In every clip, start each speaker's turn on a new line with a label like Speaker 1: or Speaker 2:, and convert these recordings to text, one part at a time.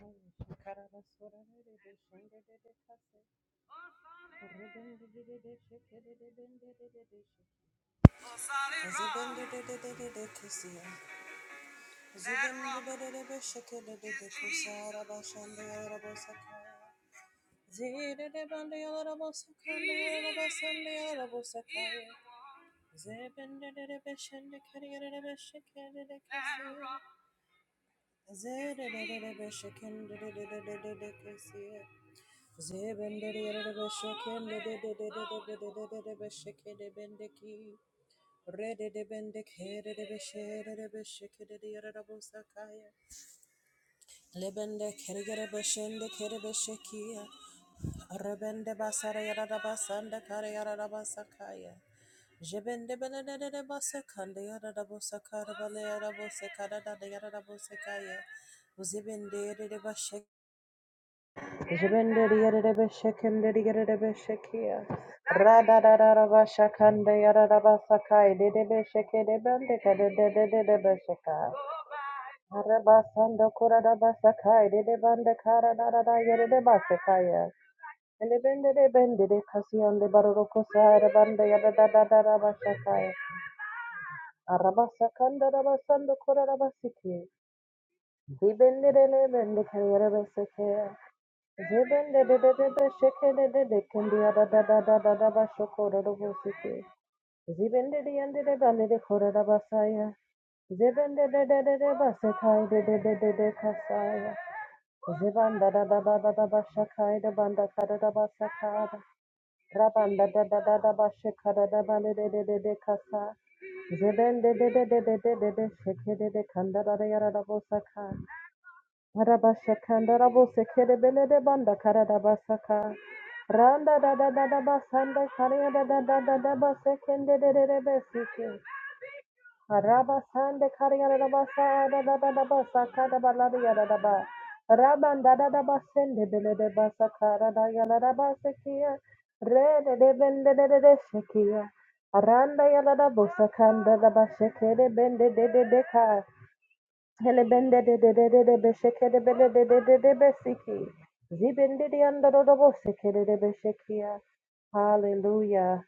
Speaker 1: Zebendere Rede de Rededebende kerede besherede beshekede yarabosakaya. Lebende kerigere beshende kerebeshekia. Rebende basara yarabasanda kare yarabasakaya. Jebende benedede basakande yarabosakara bale yarabosekada yarabosekaya. Uzibende de bashek. Jibenderi yerebe shekenderi yerebe shekia. Rada da da da ba shakande yarada ba sakai dedebe sheke debende kade de de de de be shekai. Araba sando kurada ba sakai dedebande kara da da da yerede ba sekaya. Elebende de bende de kasiyande baroro kusara bande yada da da da da ba shakaya. Araba sakanda da ba sando kurada ba siki. Dibende de lebende kare yerebe sekia. Zeban da da da da da, da ba shoko da da bu sike. Ziben de de yende de bende de kore da basaya. Zeben de de de de de ba sekay de de de de de kasaya. Zeban da da da da da da ba şakay da banda kada da, ba sakada. Raban da da da da da ba şekada da bende de de de de kasa. Zeben de de de de de de de de şeke de de kanda da ba ba ba ba ba ya. banda Raban da Zibendededededebasekaidedededekasaya. da Rabandadadadadabashakadadabalidedededekasa. Zibendededededededeshekededekandadadayarabosaka. Rabashakanda rabo sekere bele de banda kara rabasaka. Randa da da da da basanda kariya da da da da da basekende de de de besike. Rabasande kariya da basa da da da da basaka da balariya da da ba. Raban da da da basende bele de basaka da da ya la da basekiya. Re de de bende de de de shekiya. Randa ya la da bosakanda da basekere bende de de de ka. Helebende de de de de de besheke de bele de de de de besiki. Zibende de anda do do bo seke de de beshekia. Hallelujah.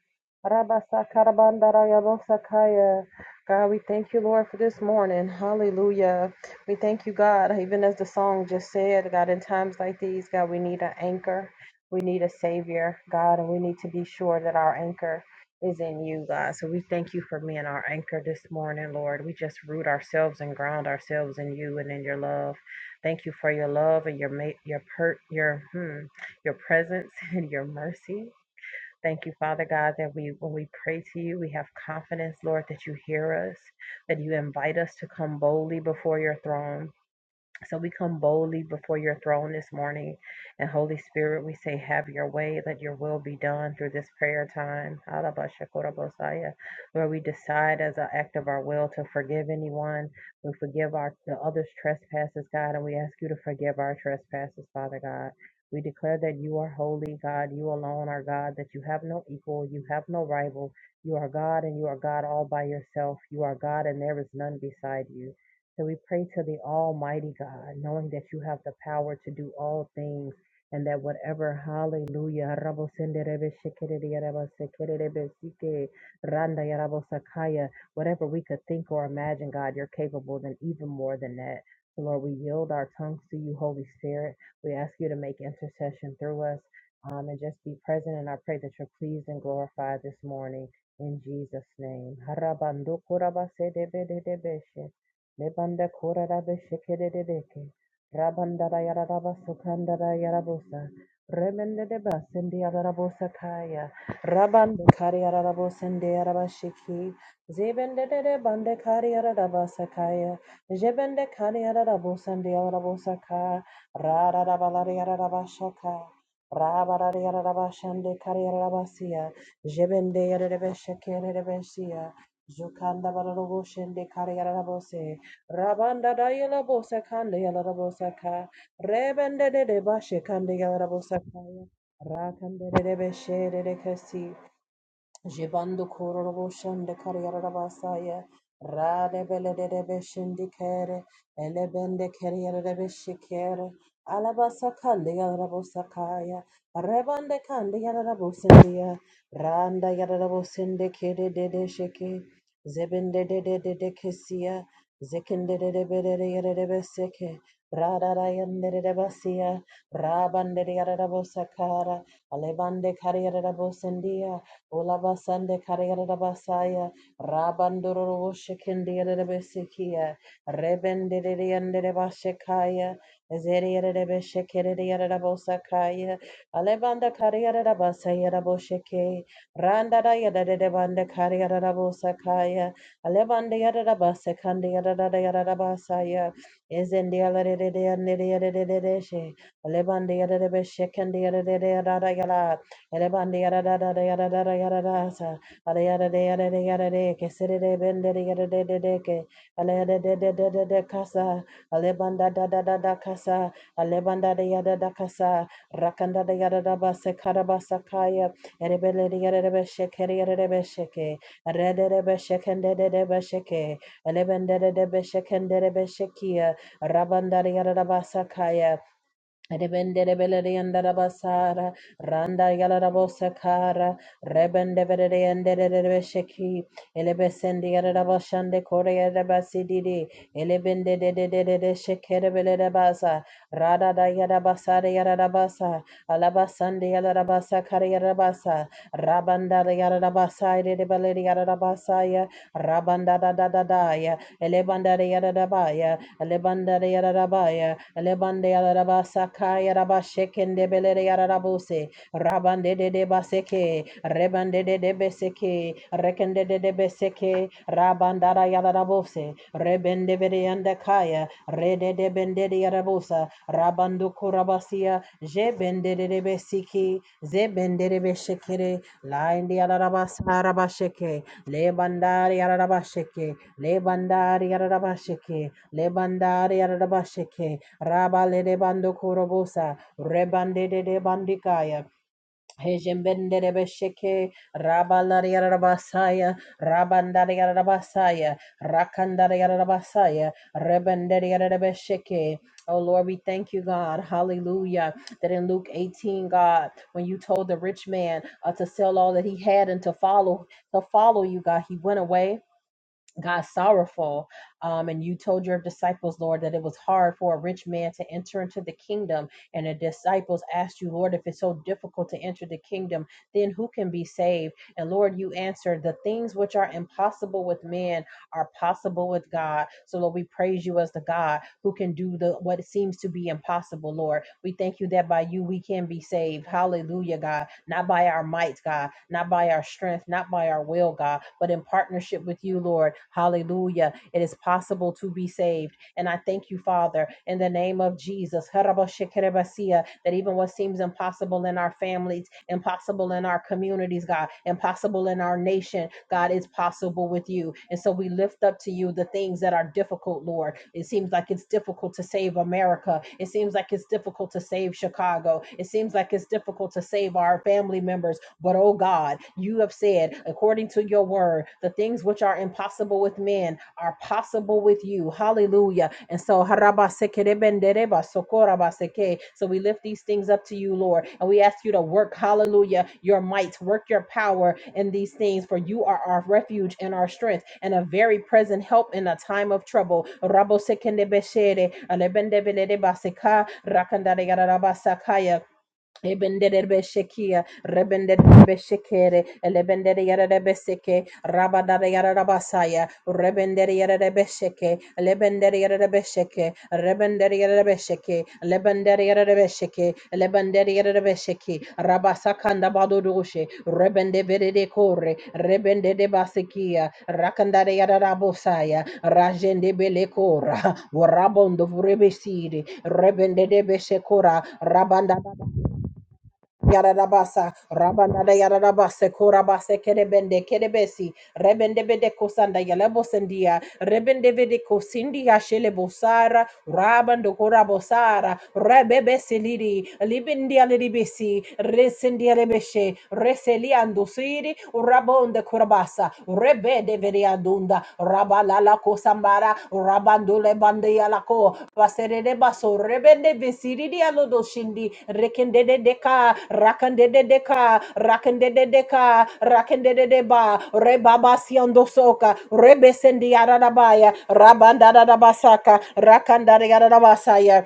Speaker 1: Rabasa karabanda raya bo sakaya. God, we thank you, Lord, for this morning. Hallelujah. We thank you, God, even as the song just said, God, in times like these, God, we need an anchor. We need a savior, God, and we need to be sure that our anchor is in you, God. So we thank you for being our anchor this morning, Lord. We just root ourselves and ground ourselves in you and in your love. Thank you for your love and your ma- your per- your hmm, your presence and your mercy. Thank you, Father God, that we when we pray to you, we have confidence, Lord, that you hear us, that you invite us to come boldly before your throne. So we come boldly before your throne this morning. And Holy Spirit, we say, Have your way. Let your will be done through this prayer time. Alabashakorabosaya. Lord, we decide as an act of our will to forgive anyone. We forgive our the others' trespasses, God, and we ask you to forgive our trespasses, Father God. We declare that you are holy, God. You alone are God, that you have no equal, you have no rival. You are God, and you are God all by yourself. You are God, and there is none beside you. So we pray to the Almighty God, knowing that you have the power to do all things and that whatever, hallelujah, rabo senderebe shekere yaraba sekerebe sike, randa yarabo sakaya, whatever we could think or imagine, God, you're capable than even more than that. So Lord, we yield our tongues to you, Holy Spirit. We ask you to make intercession through us um, and just be present. And I pray that you're pleased and glorified this morning in Jesus' name. Harabando koraba sedebe dedebe she. Lebanda kora rabe shekere de deke. Rabanda da yara raba sokanda da yara bosa. Remende de ba sende yara rabo sakaya. Rabande kari yara rabo sende yara ba shiki. Zebende de de bande kari yara kaya. sakaya. Jebende kari yara rabo sende yara rabo saka. Ra ra raba la yara raba shaka. Raba ra yara raba shende kari yara raba siya. Jebende yara rebe shekere rebe siya. Jukanda balalobo shende kari yara rabo Rabanda da yala bosa kanda yala da bosa ka. Rebende de de bashe kanda yala da bosa ka. Rakande de de beshe de de kasi. Jibandu kururu shende kariyara basaya. Rade bele de de beshendi kere. Elebende kariyara de beshikere. Alabasa kandi yara bosakaya. Rebande kandi yara bosendia. Randa yara bosende kere de de sheke. Zebende de de de de kesia. Zekende de de bede de yara de beseke. Rada rayande de de basia. Rabande de yara bosakara. Alebande kariyara bosendia. Olabasande Kariarabasaya, Rabandoro Shekindiarabesekia, Rebendiriandirabashekaya, Zeriarabeshekiriarabosakaya, Alebanda Kariarabasaya Rabosheke, Randada Yadadebanda Kariarabosakaya, Alebanda Yadabasekandiarabasaya, Ezendialadediandiaradeshe, Alebanda Yadabeshekandi Yadadayala, Elebandi yada da da yada yada da sa. yada de yada de yada de ke sere de de yada de de de ke. Ala yada de de de de de kasa. Alebanda da da da da Alebanda de yada da kasa. Rakanda de yada basa karabasa kaya. Erebele de yada de besheke de yada de besheke. de beshekende de de besheke. Elebende de de beshekende de beshekia. Rabanda yada basa kaya. Rebende rebelere yandara basara, Randa Yalarabosakara, Rebendevereriandererebesheki, Elebesende yarabashande kore yarabasididi. Elebende de de de de de shekerebele rabasa. Rada da yarabasa de yarabasa. Alabasande yarabasa kare yarabasa. Rabanda da yarabasa de de bele de ya. Rabanda da da da da ya. Elebanda de yarabaya. Elebanda de yarabaya. Elebanda yarabasa kaya rabashekende bele de yarabuse. Rabande de de baseke. Reba. Rebande de de beseke, rekende de de beseke, rabandara yarabose, rebende verianda kaya, rede de bende de yarabosa, rabandu kurabasia, je bende de de besiki, ze bende de beshekere, laindi yarabasa rabasheke, le lebandari yarabasheke, le bandari yarabasheke, le yarabasheke, rabale de bando kurabosa, rebande de bandikaya, Hejembenderebesheke, Rabalariarabasaya, Rabandariarabasaya, Rakandariarabasaya, Rebenderiarabesheke. Oh Lord, we thank you, God. Hallelujah. That in Luke 18, God, when you told the rich man uh, to sell all that he had and to follow, to follow you, God, he went away God sorrowful. Um, and you told your disciples, Lord, that it was hard for a rich man to enter into the kingdom. And the disciples asked you, Lord, if it's so difficult to enter the kingdom, then who can be saved? And Lord, you answered, the things which are impossible with man are possible with God. So, Lord, we praise you as the God who can do the what seems to be impossible, Lord. We thank you that by you we can be saved. Hallelujah, God. Not by our might, God, not by our strength, not by our will, God, but in partnership with you, Lord. Hallelujah. It is possible to be saved. And I thank you, Father, in the name of Jesus, Harabashekerebasia, that even what seems impossible in our families, impossible in our communities, God, impossible in our nation, God, is possible with you. And so we lift up to you the things that are difficult, Lord. It seems like it's difficult to save America. It seems like it's difficult to save Chicago. It seems like it's difficult to save our family members. But oh God, you have said, according according to your word. The things which are impossible with men are possible with you. Hallelujah. And so, harabasekerebendereba sokorabaseke. so we lift these things up to you, Lord, and we ask you to work, hallelujah, your might, work your power in these things, for you are our refuge and our strength and a very present help in a time of trouble. Rabo sekende Beshere, Rabosekendebeshere, alebendebeledebaseka, rakandaregarabasakaya. Ebenderebeshekia, rebenderebeshekere, elebendere yarebeseke, rabadare yarabasaya, rebendere yarebesheke, lebendere yarebesheke, rebendere yarebesheke, lebendere yarebesheke, lebendere yarebesheke, rabasakanda badurushe, rebende verede kore, rebende de basekia, rakandare yarabosaya, rajende belekora, warabondo vurebesiri, rebende de beshekora, rabanda Yaradabasa, Rabanada Yaradabase, Korabase, Kerebende, Kerebesi, Rebendebe de Kosanda, Yalabosendia, Rebendebe de Kosindia, Shelebosara, Rabando Korabosara, Rebebe Silidi, Libindia Libisi, Resindia Lebeshe, Reseliando Siri, Rabon de Korabasa, Rebe de Rebere Adunda, Rabalala Kosambara, Rabandule Bandealako, Vaserere Baso, Rebende Visiri Alodo Shindi, Rekende de Deca, Rakande de Deca, Rakende de Deca, Rakende de Deba, Rebaba Siondo Soka, Rebesendi Arabaya, Rabanda basaka, Rakanda Rabasaya.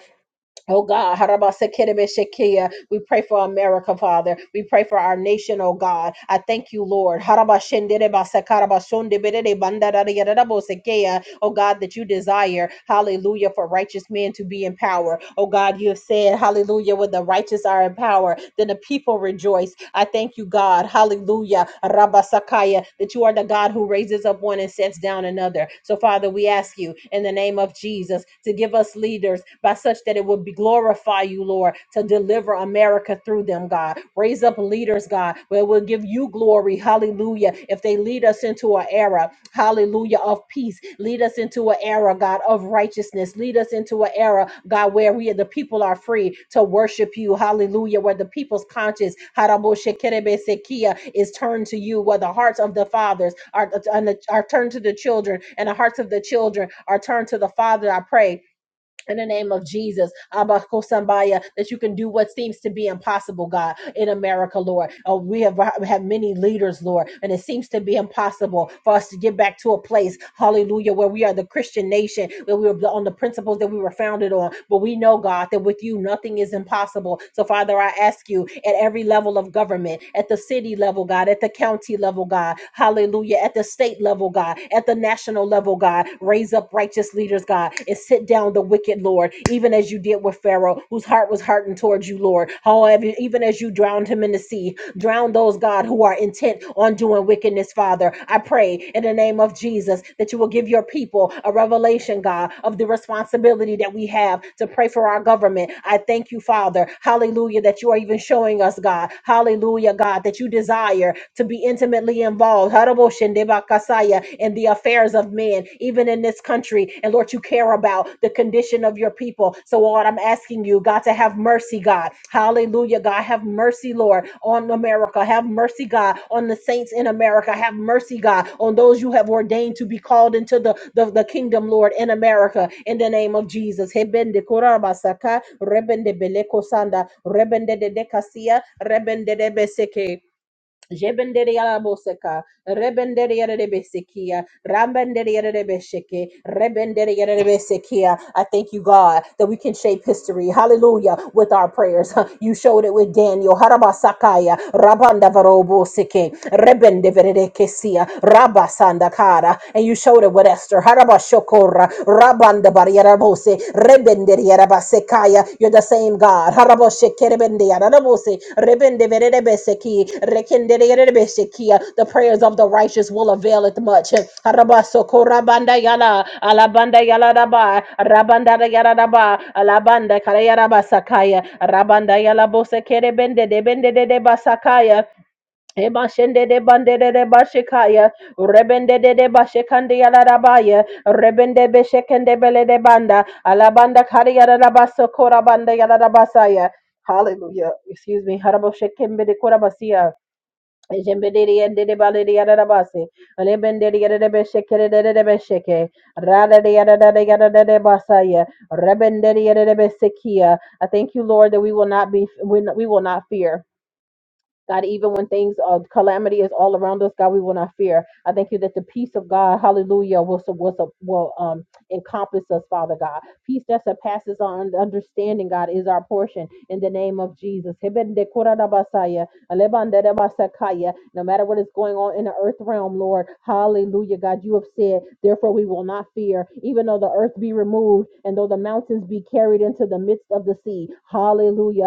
Speaker 1: Oh God, Harabasekerebeshekia. we pray for America, Father. We pray for our nation, oh God. I thank you, Lord. Harabashenderebasakarabashondeberere-bandadadayadadabosekeya. Oh God, that you desire, hallelujah, for righteous men to be in power. Oh God, you have said, hallelujah, when the righteous are in power, then the people rejoice. I thank you, God. Hallelujah. Rabasakaya, that you are the God who raises up one and sets down another. So, Father, we ask you in the name of Jesus to give us leaders by such that it would be glorify you, Lord, to deliver America through them, God. Raise up leaders, God, where it will give you glory. Hallelujah. If they lead us into an era hallelujah, of peace. Lead us into an era, God, of righteousness. Lead us into an era, God, where we the people are free to worship you, hallelujah, where the people's conscience haraboshekerebesekia, is turned to you, where the hearts of the fathers are, are turned to the children and the hearts of the children are turned to the Father. I pray in the name of Jesus, Abba that you can do what seems to be impossible, God, in America, Lord. Oh, we have, we have many leaders, Lord, and it seems to be impossible for us to get back to a place, hallelujah, where we are the Christian nation, where we were on the principles that we were founded on. But we know, God, that with you, nothing is impossible. So, Father, I ask you at every level of government, at the city level, God, at the county level, God, hallelujah, at the state level, God, at the national level, God, God. Raise up righteous leaders, God, and sit down the wicked, Lord, even as you did with Pharaoh, whose heart was hardened towards you, Lord. However, even as you drowned him in the sea, drown those, God, who are intent on doing wickedness, Father. I pray in the name of Jesus that you will give your people a revelation, God, of the responsibility that we have to pray for our government. I thank you, Father. Hallelujah, that you are even showing us, God. Hallelujah, God, that you desire to be intimately involved in the affairs of men, even in this country. And Lord, you care about the condition of your people. So, Lord, I'm asking you, God, to have mercy, God. Hallelujah, God. Have mercy, Lord, on America. Have mercy, God, on the saints in America. Have mercy, God, on those you have ordained to be called into the, the, the kingdom, Lord, in America, in the name of Jesus. Hebende korabasaka, rebende beleko sanda, rebende de dekasia, rebende de beseke. Jebenderia Moseka, Rebenderia Rebesekia, Rambenderia Rebeseke, Rebenderia Rebesekia. I thank you, God, that we can shape history. Hallelujah. With our prayers. You showed it with Daniel. Harabasakaya, Rabanda Varoboseke, Rebendeverekesia, Rabasandakara. And you showed it with Esther. Harabashokora, Rabanda Bariarabose, Rebenderiarabasekaya. You're the same God. Haraboshe Kerebendiarabose, Rebendeverebeseki, Rekenderiarabesekia. The prayers of the righteous will avail it much. Harabaso Korabanda Yala, Alabanda Yala Daba, Rabanda Yala Daba, Alabanda Karayarabasakaya, Rabanda Yala Bose Kerebende, Debende de Basakaya. Ebashende de bandede de de bashikaya, rebende de de bashekande yarabaya, rebende beshekende bele de banda, alabanda kari yarabasa kora banda yarabasaya. Hallelujah. Excuse me. Harabo shekembe de korabasia. Ejembede de de bale de yarabase. Alebende de yere de beshekere de de besheke. Rada de yada de yada da de basaya. Rebende de yere de besekia. I thank you, Lord, that we will not be, we we will not fear. God, even when things of calamity is all around us, God, we will not fear. I thank you that the peace of God, hallelujah, will, su- will, su- will um, encompass us, Father God. Peace that surpasses our un- understanding, God, is our portion in the name of Jesus. Hebende kura da basaya, alebande da basakaya no matter what is going on in the earth realm, Lord. Hallelujah, God. You have said, therefore we will not fear, even though the earth be removed and though the mountains be carried into the midst of the sea. Hallelujah.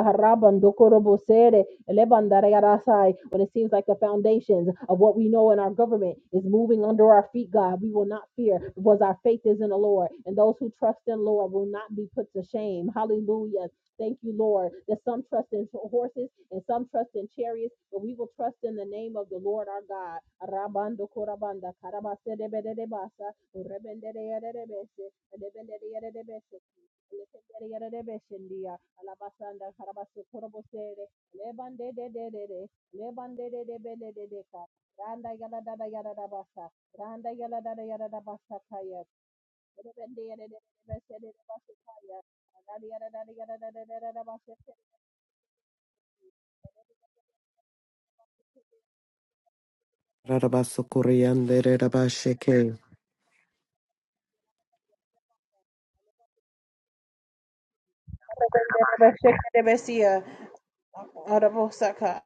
Speaker 1: When it seems like the foundations of what we know in our government is moving under our feet, God, we will not fear because our faith is in the Lord. And those who trust in the Lord will not be put to shame. Hallelujah. Thank you, Lord, that some trust in horses and some trust in chariots, but we will trust in the name of the Lord our God. Rabando korabanda karabase debedebasa, urebendedeyedebese, elebendedeyedebese, elekendedeyedebeshendia, alabasanda karabase korobosere, lebandedededede, lebandededebedededeka, randa yadadadayadadabasa, randa yadadadayadadabasa Shake
Speaker 2: Rarabasokoriande Rabasheke.
Speaker 1: it, baby, see ya. Out of Osaka.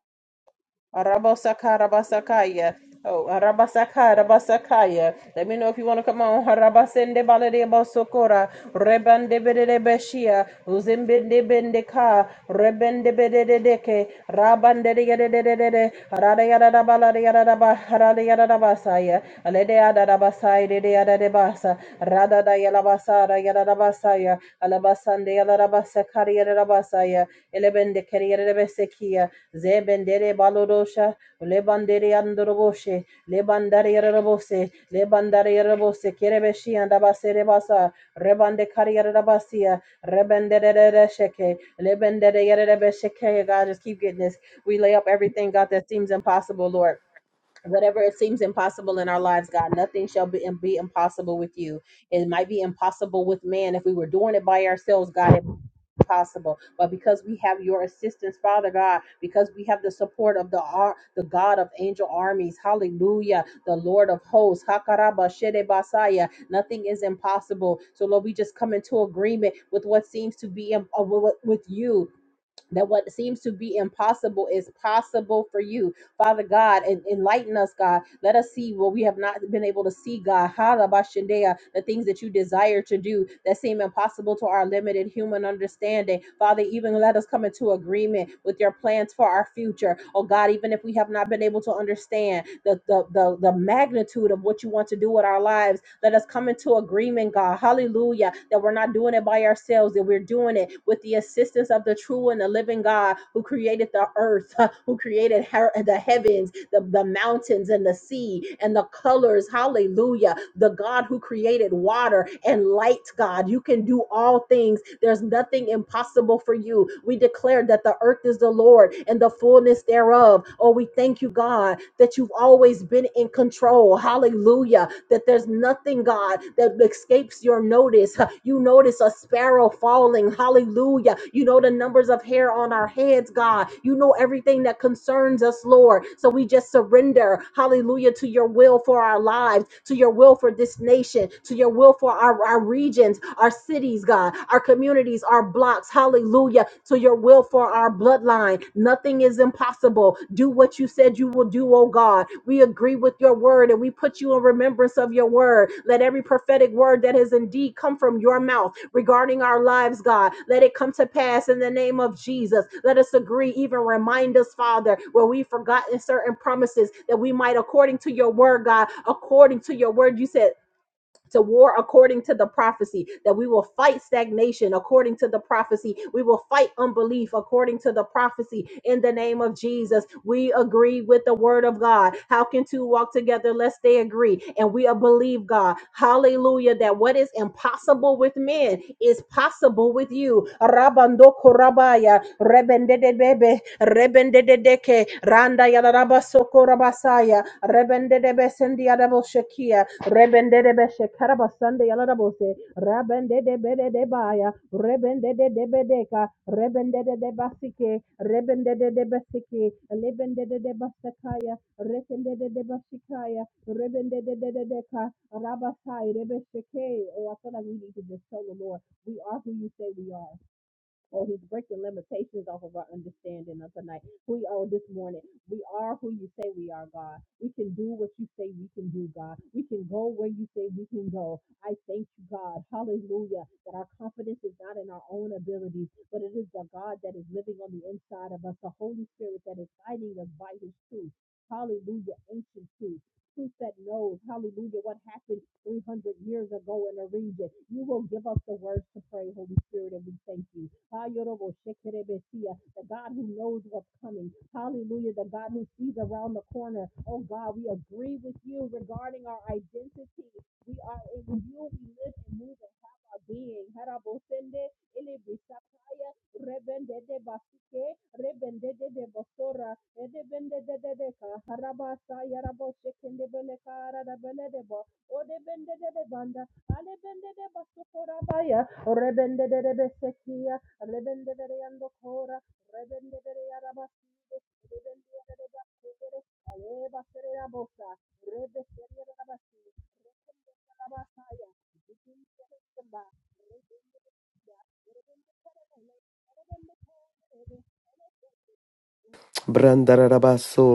Speaker 1: Harabasaka, harabasakaya. Oh, harabasaka, harabasakaya. Let me know if you want to come on. Harabasende balade basokora. Rebande bede beshia. Uzimbinde bendeka. Rebende bede deke. Rabande de de de de de de. Harada yada da bala yada da ba. Harada yada da basaya. Alede yada da basaya de de yada de basa. Yalabasara Yarabasaya Alabasande Yalarabasa Kariyarabasaya Elebende Keriyarebesekia Zebendere Balodosha Lebandere Andoroboshe lebandari Yarabose Lebandare Yarabose Kerebeshi and Abasere Basa Rebande Kariyarabasia Rebendere Sheke Lebendere Yarebesheke God just keep getting this we lay up everything God that seems impossible Lord whatever it seems impossible in our lives god nothing shall be, be impossible with you it might be impossible with man if we were doing it by ourselves god it possible but because we have your assistance father god because we have the support of the ar- the god of angel armies hallelujah the lord of hosts hakaraba Shede basaya nothing is impossible so lord we just come into agreement with what seems to be im- uh, with with you that what seems to be impossible is possible for you. Father God, en- enlighten us, God. Let us see what we have not been able to see, God. Harabashandea, The things that you desire to do that seem impossible to our limited human understanding. Father, even let us come into agreement with your plans for our future. Oh God, even if we have not been able to understand the, the, the, the magnitude of what you want to do with our lives, let us come into agreement, God. Hallelujah. That we're not doing it by ourselves ourselves that we're doing it with the assistance of the true and the living God who created the earth, who created her- the heavens, the, the mountains and the sea and the colors. Hallelujah. The God who created water and light, God. You can do all things. There's nothing impossible for you. We declare that the earth is the Lord and the fullness thereof. Oh, we thank you, God, that you've always been in in control. Hallelujah. That there's nothing, God, that escapes your notice. Huh. You notice a sparrow falling. Hallelujah. You know the numbers of hair on our heads, God. You know everything that concerns us, Lord. So we just surrender. Hallelujah. To your will for our lives, to your will for this nation, to your will for our, our regions, our cities, God, our communities, our blocks. Hallelujah to your will for our bloodline. Nothing is impossible. Do what you said you will do, oh God. We agree with your word and we put you in remembrance of your word. Let every prophetic word that has indeed come from your mouth regarding our lives, God, let it come to pass in the name of Jesus. Let us agree, even remind us, Father, where we've forgotten certain promises that we might, according to your word, God, according to your word, you said to war according to the prophecy, that we will fight stagnation according to the prophecy. We will fight unbelief according to the prophecy in the name of Jesus. We agree with the word of God. How can two walk together lest they agree? And we believe God. Hallelujah. That what is impossible with men is possible with you. Rabando korabaya rebende de bebe rebende de deke randa yadaraba sokorabasaya rebende de besendi yadabo shekia rebende de beshe karabasande yadarabose rabende de bede de baya rebende de de bedeka rebende de de basike rebende de de basike lebende de de basakaya rebende de de basikaya rebende de de deka rabasai rebesheke oh I feel like we need to just tell the Lord we are who you say we are Oh, he's breaking limitations off of our understanding of tonight. We oh this morning. We are who you say we are, God. We can do what you say we can do, God. We can go where you say we can go. I thank you, God. Hallelujah. That our confidence is not in our own abilities, but it is the God that is living on the inside of us, the Holy Spirit that is guiding us by his truth. Hallelujah. Ancient truth truth that knows, hallelujah, what happened 300 years ago in a region. You will give us the words to pray, Holy Spirit, and we thank you. The God who knows what's coming. Hallelujah. The God who sees around the corner. Oh God, we agree with you regarding our identity. We are in you. We live and move and have our being rebende de de bosora edebende de de de ka harabasa yarabo shekende bele kara da bele de bo odebende de de banda ale alebende de basukura baya rebende de de besekia rebende de yando kora, rebende de de yarabasi rebende de de bakere Reba serera bosa, rebe serera rabasi, rekende rabasaya, bikin sereba, rekende ya, rekende sereba, rekende sereba,
Speaker 2: Brandarabaso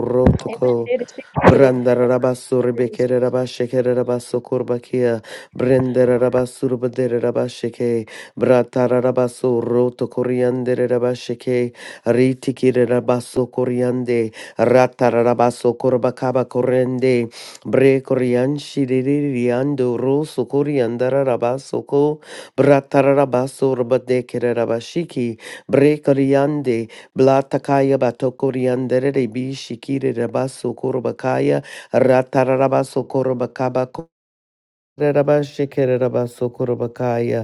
Speaker 1: Amen.
Speaker 2: rotoko.
Speaker 1: Dere şekeri,
Speaker 2: Brandarabaso rebekere rabashekere rabaso kurbakia. Brenderabaso rubadere rabasheke. Bratarabaso roto koriandere rabasheke. Ritikire rabaso koriande. Ratarabaso korbakaba korende. Bre korianshi ririando roso koriandarabaso ko. Bratarabaso rubadekere rabashiki. Bre koriande. Blatakaya batokoriandere bi shikiri rabaso korobakaya ratararabaso korobakaba koreraba shikere rabaso korobakaya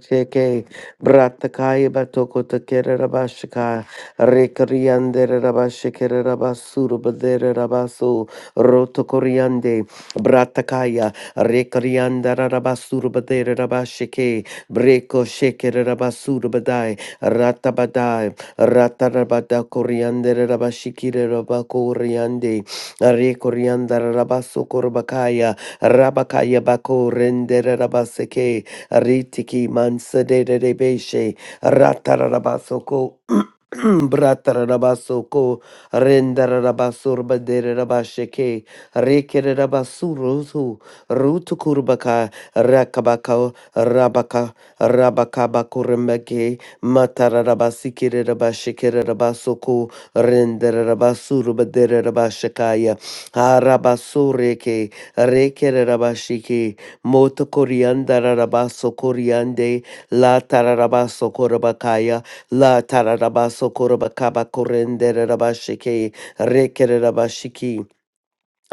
Speaker 2: Cheke Bratakai Batoko Takere Rabashika Rekariande Rabashikere Rabasuru Badere Rabasu Rotokoriande Bratakaya Rekarianda Rabasuru Badere Rabashike Breko Shekere Rabasuru Badai Ratabadai Ratarabada Koriande Rabashikire Rabakoriande Rekorianda Rabasu Korbakaya Rabakaya Bako Rendere Rabaseke Ritiki Mansadebeshe Ratarabasoko Bratarabasoko Rendarabasur Baderabasheke Rekerabasuruzu Rutukurbaka Rakabaka Rabaka Rabakabakurembeke Matarabasikirabashikerabasoko Rendarabasur Baderabashakaya Arabasureke Rekerabashiki Moto Corianda rabaso Coriande, La Tararabaso Corabacaya, La Tararabaso Corabacaba Correnderabashike, Rekerabashiki.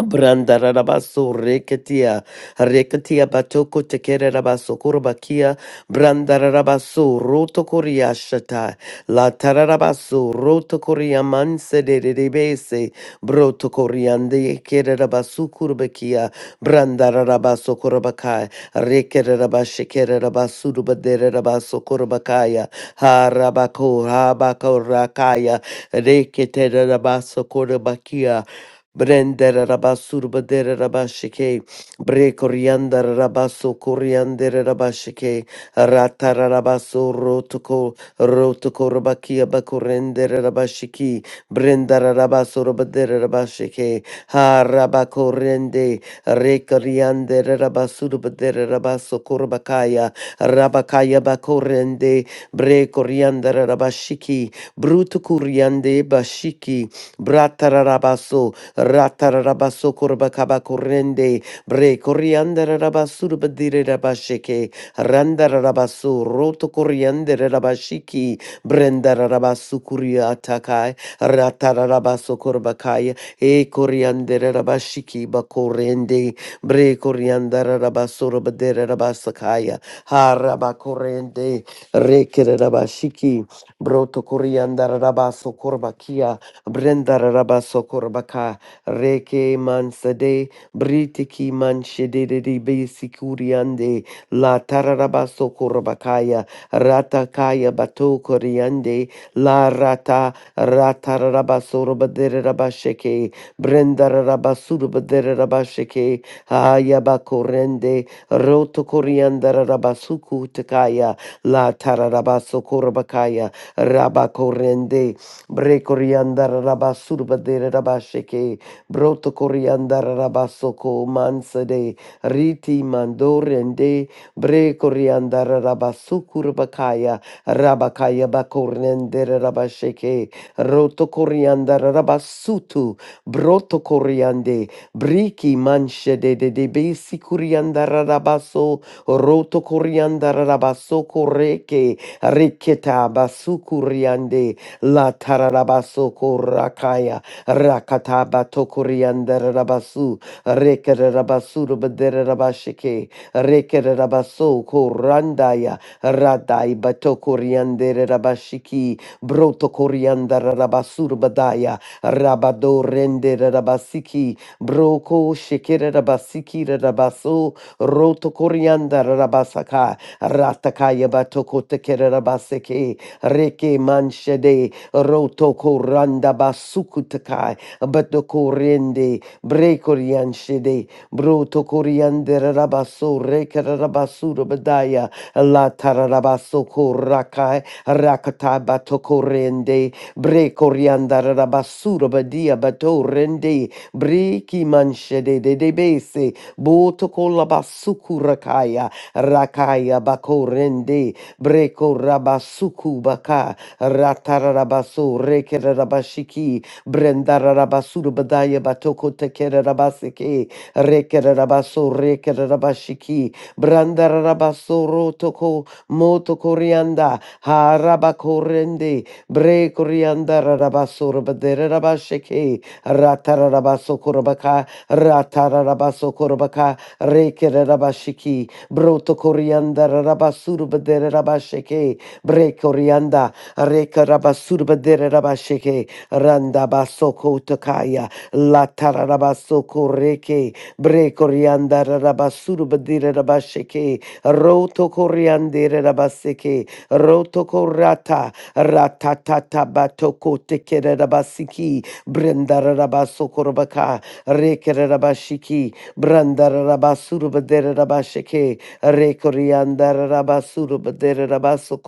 Speaker 2: Brandarabaso reketia, reketia batoko tekererabaso kurbakia, brandarabaso roto koria shata, la tararabaso roto koria manse de rebese, broto koriande kererabasu kurbakia, brandarabaso kurbakai, rekererabashe kererabasu rubaderabaso kurbakaya, harabako, habako rakaya, reketererabaso kurbakia, Brendere rabasurubadere rabashike, bre coriander rabaso coriander rabashike, ratarabaso rotoko, rotoko rabakia bacorendere rabashiki, brendara rabaso rabadere rabashike, ha rabacorende, re coriander rabasurubadere rabaso corbacaya, rabakaya bakorende bre coriander rabashiki, bruto coriande bashiki, bratarabaso, Ratarabaso Kurbakaba Kurende, Bre Coriander Rabasurbadire Rabasheke, Randarabasu, Roto Coriander Rabashiki, Brenda Rabasu Kuriatakai, Ratarabaso Kurbakai, E Coriander Rabashiki Bakorende, Bre Coriander Rabasurabadere Rabasakaya, Harabakorende, Rekere Rabashiki, Broto Coriander Rabaso Kurbakia, Brenda Rabaso Kurbaka. Reke mansade, britiki manshede de de be sikuriande, la tararabaso korabakaya, ratakaya bato koriande, la rata, ratarabaso robadere rabasheke, brenda rabasuru badere rabasheke, ayabakorende, roto korianda rabasuku takaya, la tararabaso korabakaya, rabakorende, brekorianda rabasuru badere rabasheke, Broto coriandara rabasoko mansade riti mandorende bre coriandara rabasukur bakaya rabakaya bakornendere rabasheke roto coriandara rabasutu broto coriande briki manshede de de besi coriandara rabaso roto coriandara rabasoko reke reketa basukuriande la tararabasoko rakaya Rakata Batokuriander Rabasu, Reker Rabasu Rubadere Rabashike, Reker Rabaso Korandaya, Radai Batokuriander Rabashiki, Broto Koriander Rabasur Badaya, Rabado Render Rabasiki, Broko Shikere Rabasiki Rabaso, Roto Koriander Rabasaka, Ratakaya Batoko Tekere Rabaseke, Reke Manshede, Rotoko randa basukutakai, abatokorende, brekorianshede, brotokoriande rabaso, rekarabasura badaya, la tararabasoko korakai, rakata batokorende, brekorianda rabasura badia bato batorende, breki manshede de debese, botokola basukurakaya, rakaya bako bakorende, breko rabasuku baka Ratarabasu, Rekerabashiki, Brendarabasuru Badaya Batoko Tekerabaseke, Rekerabaso, Rekerabashiki, Brandarabaso Rotoko, Moto Corianda, Harabakorende, Bre Corianda Rabasur Baderabasheke, Ratarabaso Korabaka, Ratarabaso Korabaka, Rekerabashiki, Broto Corianda Rabasuru Baderabasheke, Bre corianda. Reka rabasurabadere rabasheke. Randa basoko takaya. Latara rabasoko reke. Breko rianda rabasurabadere rabasheke. Roto koriandere rabaseke. Roto korata. Ratatata batoko tekere rabasiki. brenda rabasoko rabaka. Reke rabashiki. Brandara rabasurabadere rabasheke. Reko rianda rabasuru badere rabaso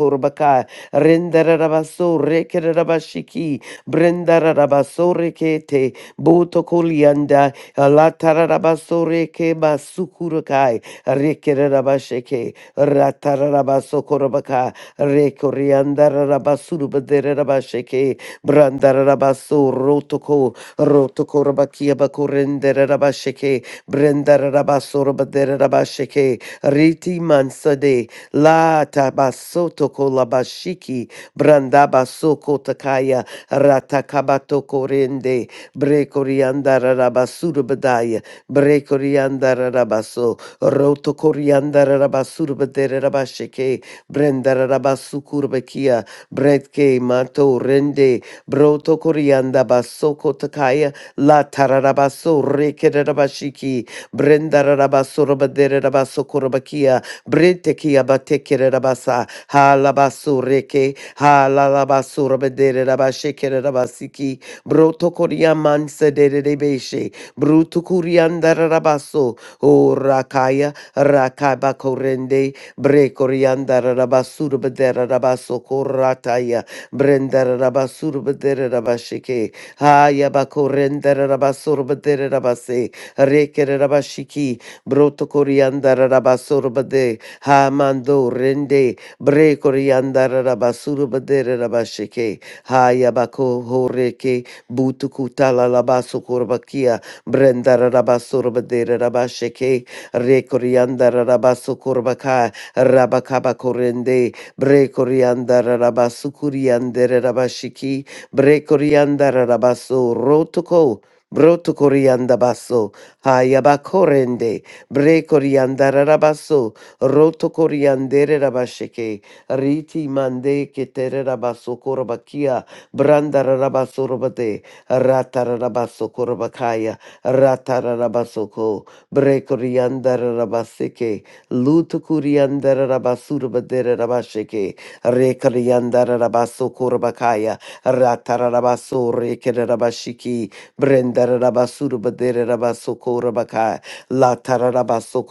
Speaker 2: Rendarabaso rekerabashiki. Brendarabaso rekete. Botokulianda. Alatarabaso reke basukurukai. Rekerabasheke. Ratarabaso korabaka. Rekoriandarabasuru baderabasheke. Brandarabaso rotoko. Rotokorabakia bakurenderabasheke. Brendarabasoro baderabasheke. Riti mansade. La tabasoto kolabashiki brandabaso kotakaya ratakabato korende brekorianda rabasuru badaya brekorianda rabaso roto korianda rabasuru badere rabashike brenda rabasukurbakia bretke mato rende broto korianda baso kotakaya la tararabaso rekerabashiki brenda rabaso rabadere rabaso korbakia Brete ki abateke rabasa. Halabasureke. Halalabasurabedere rabasheke rabasiki. Broto koriaman sedere rebeshe. Brutu kuriandara rabaso. O rakaya. Rakaba korende. Bre koriandara rabasurabedere rabaso korataya. Brendara rabasurabedere rabasheke. Haya bakorendere rabasurabedere rabase. Rekere rabashiki. Broto koriandara rabasurabedere. Ha mando rende bre koriandara rabasuru badere rabashike. Ha yabako horeke butukutala labasu kurbakia brendara rabasuru badere rabashike. Re koriandara rabasu kurbaka rabakaba korende bre koriandara rabasu kuriandere rabashiki bre koriandara rabasu rotoko. Broto corianda basso, hayabacorende, bre corianda rabasso, roto coriandere rabasheke, riti mande ketere rabaso korobakia, brandara rabaso robade, ratara rabaso korobakaya, ratara rabasoko, brekoriandara rabaseke, luto coriandara rabasurabadere rabasheke, rekariandara rabaso korobakaya, ratara rabaso rekere rabashiki, brendara rabasurabadere rabaso korobakaya, la tararabaso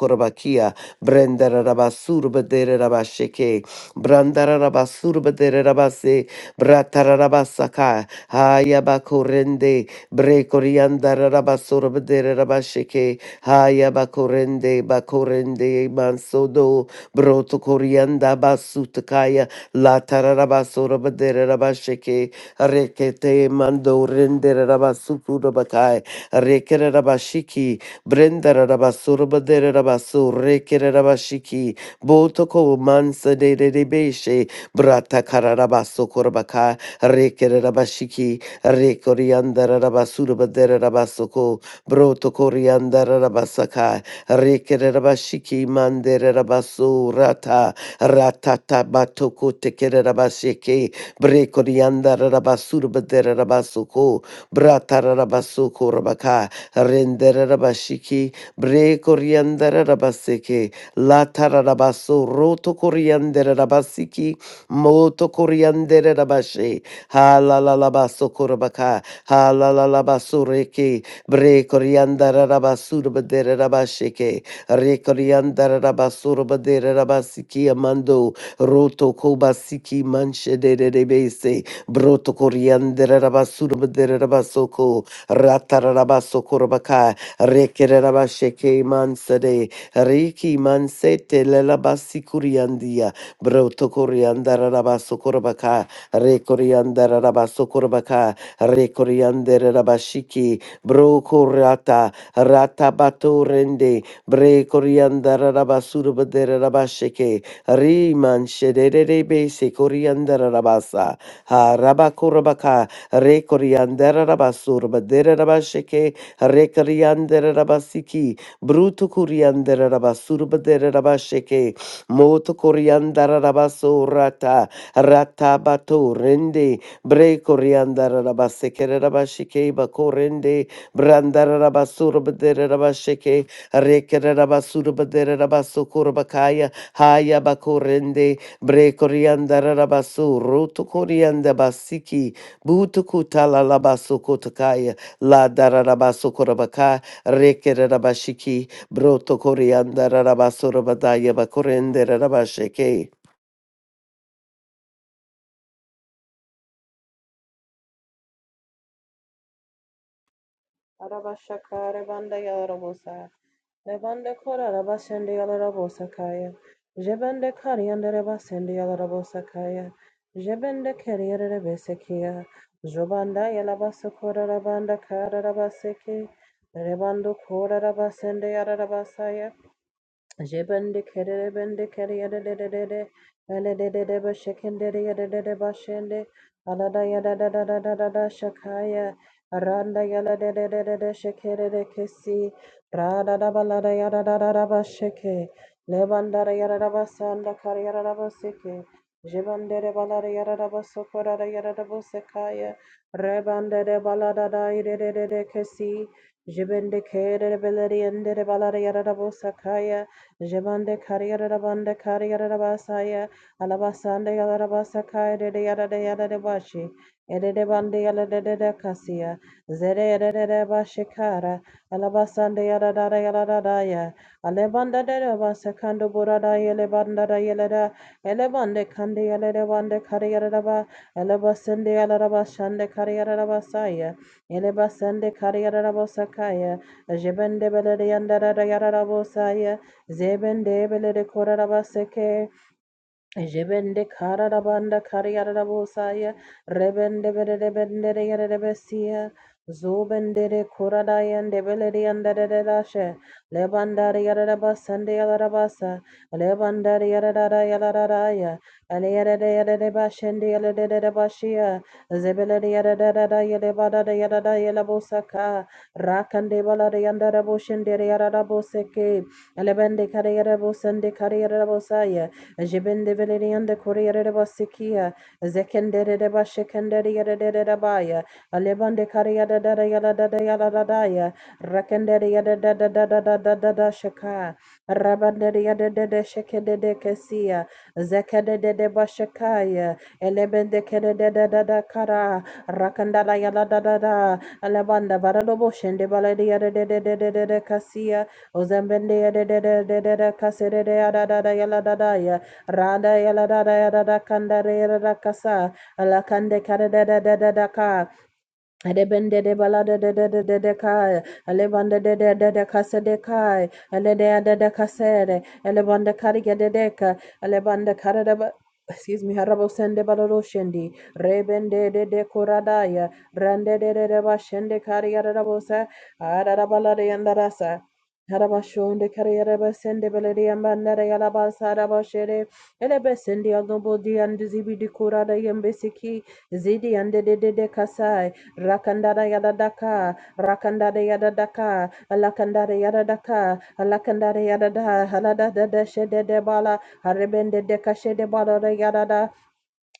Speaker 2: Brandara Rabasur Badere Rabasheke, Brandara Rabasur Badere Rabase, Bratara Rabasaka, Hayabakorende, Brekoriandara Rabasur Badere Rabasheke, Hayabakorende, Bakorende, Mansodo, Broto Corianda Basutakaya, Latara Rabasur Badere Rabasheke, Rekete Mando Rendere Rabasuku Rabakai, Rekere Rabashiki, Brenda Brendarabasurabadererabasu rekererabashiki botoko mansa de Debeshe brata de de beshe bratakararabaso korbaka rekererabashiki rekoriandarabasurabedererabasoko brotokoriandarabasaka rekererabashiki manderabasu rata ratata batoko tekererabasheke brekoriandarabasurabadererabasoko bratarabasoko rabaka Rendere Renderabashiki, Bre Coriandarabaseke, Latarabaso, Roto Coriandarabasiki, Moto Coriandarabashe, Halalabaso Korabaka, Halalabasureke, Bre coriandere rabasur Coriandarabasurabaderabasheke, Re Coriandarabasurabaderabasiki Amando, Roto Kobasiki Manche de Rebese, Broto coriandere rabasur bedere rabasoko. Ratarabaso Kurabaka, Rekerabasheke Mansade, Riki Mansete Lelabasi Kuriandia, Broto Kuriandarabaso Kurabaka, Rekoriandarabaso Kurabaka, Rekoriandarabashiki, Broko Rata, Ratabato Rende, Brekoriandarabasurbaderabasheke, Riman Shederebe Sekoriandarabasa, Harabakurabaka, Re coriandera rabasur, badere rabasheke, re coriandera rabasiki, bruto coriandera rabasur, badere rabasheke, moto coriandera rabasurata, rata bato rende, bre coriandera rabaseke, rabasheke, bako rende, brandara rabasur, badere rabasheke, re kere rabasur, badere rabasukur, bakaya, haya bako rende, bre coriandera rabasur, roto coriandera basiki, Butukuta la la basukotakaya la dararabasukorabaka rekerabashiki broto koriandarabasurabadaya bakorende
Speaker 1: Araba şakare banda yarabosa. Levande korara basende yalarabosakaya. Jebende kariandere basende yalarabosakaya. Jebende kerierere besekia. Jobanda yalabasokora rabanda kararabaseke. Rebando korara basende yararabasaya. Jibende kerere bende kerere de de de de bende de de de bashekende de de de de bashende alada ya da da da da da da da shakaya randa ya la de de de de de shekere de kesi rada da balada ya da da da da basheke lebandara ya da da basanda kar ya da da baseke jibende de balada ya da da basokora da ya da da basekaya rebande de balada da de de de de kesi jibende kere de beleriende de balada ya da da basakaya Jebande kariyarabande kariyarabasaya alabasande Yarabasaka, de yada de yada de bashi edede bande yarade de kasiya zere yarade bashi kara alabasande yada yarada yarada ya alebanda dede basakando burada yele banda da yele da elebande kande yele de bande kariyaraba elebasende yarabashande kariyarabasaya elebasende kariyarabasakaya jebende belede yandara yarabosaya Zebendebele de belede korarabaseke. Jebende kararabanda kariyarabosaya rebende berebende rebesia zobendere koradaya ndebeleri andarerashe lebandari yarabasande yarabasa lebandari yarara yararaya aliyarere yarebashende yarebashia zebeleri yarara yarebada yarara yarabosaka rakande balari andaraboshende yararaboseke lebende kariyarabosande kariyarabosaya Jibindibility and the Korea de Basikia, Zekendere de Bashikendere de Baya, Alebande Karia da da da yada da da yada da da ya, Rakendere yada da da da da da da da da shaka, Rabandere yada da da shekede de kia, Zekede de de Bashakaya, Elebende kede de Kede da da da kara, Rakandala yada da da da, Alebanda bade de kasia, Ozembende de de de de de kasere de da da yada da yala da daya, Rada yada da da Rakasa, Alaka, Adeba, Aleba de kasedekai, ele de de de kasere, ele banda kariga de deka, ele banda karada Excuse me, Harabo Sende Baloroshendi, Rebende de de Koradaya, Rande de de de Bashende Kariarabosa, Arabala de Andarasa, Harabashonde Kariaraba Sende Belerian Bandara Yalabasa Rabashere, Elebesendi Agobodi and Zibi de Korada Yembesiki, Zidi and de de de de Kasai, Rakandada Yadadaka, Rakandada Yadadaka, alakandare yaradaka alakandare yarada halada da da shede de bala harebende de kashe de bala yarada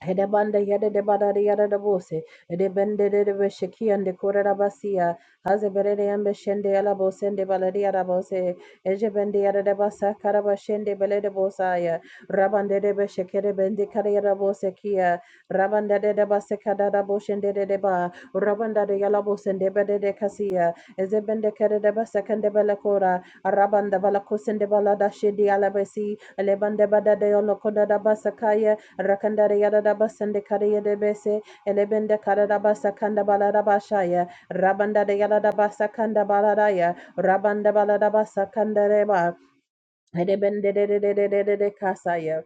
Speaker 1: Hedebanda yada de bada de yada de bose. Ede bende de de besheki and de korera basia. Haze berede yambe shende yala bose ende balade yada Eje bende yada de basa karaba shende belede bosaya. Rabande de beshekere bende kare yada kia. Rabanda de de kada da boshende de de ba. Rabanda de yala bose ende bede de kasia. Eze bende kere de basa kende bele kora. Arabanda bala kosende bala da shende yala Elebande bada de yolo koda da basa kaya. Rakandare Yadaba Sandekare Yadebese, Elebende Karadaba Sakanda Baladabashaya, Rabanda de Yadaba Sakanda Baladaya, Rabanda Baladaba Sakandareba, Edebende de de de de de de de Kasaya.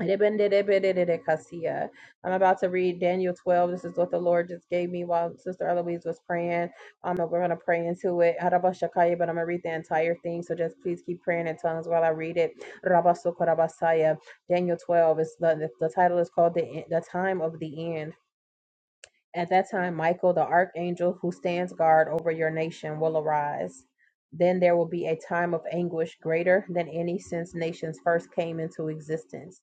Speaker 1: Rebenderebererekasiya. I'm about to read Daniel 12. This is what the Lord just gave me while Sister Eloise was praying. Um, and we're going to pray into it. Harabashakaya, But I'm going to read the entire thing. So just please keep praying in tongues while I read it. Rabasokorabasaya. Daniel 12 is the, the title is called the, E- the Time of the End. At that time, Michael, the archangel who stands guard over your nation, will arise. Then there will be a time of anguish greater than any since nations first came into existence.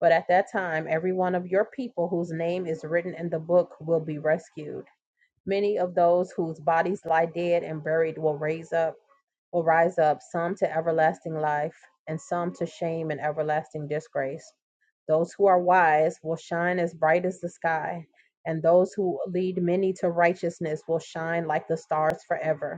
Speaker 1: But at that time, every one of your people whose name is written in the book will be rescued. Many of those whose bodies lie dead and buried will raise up will rise up, some to everlasting life, and some to shame and everlasting disgrace. Those who are wise will shine as bright as the sky, and those who lead many to righteousness will shine like the stars forever.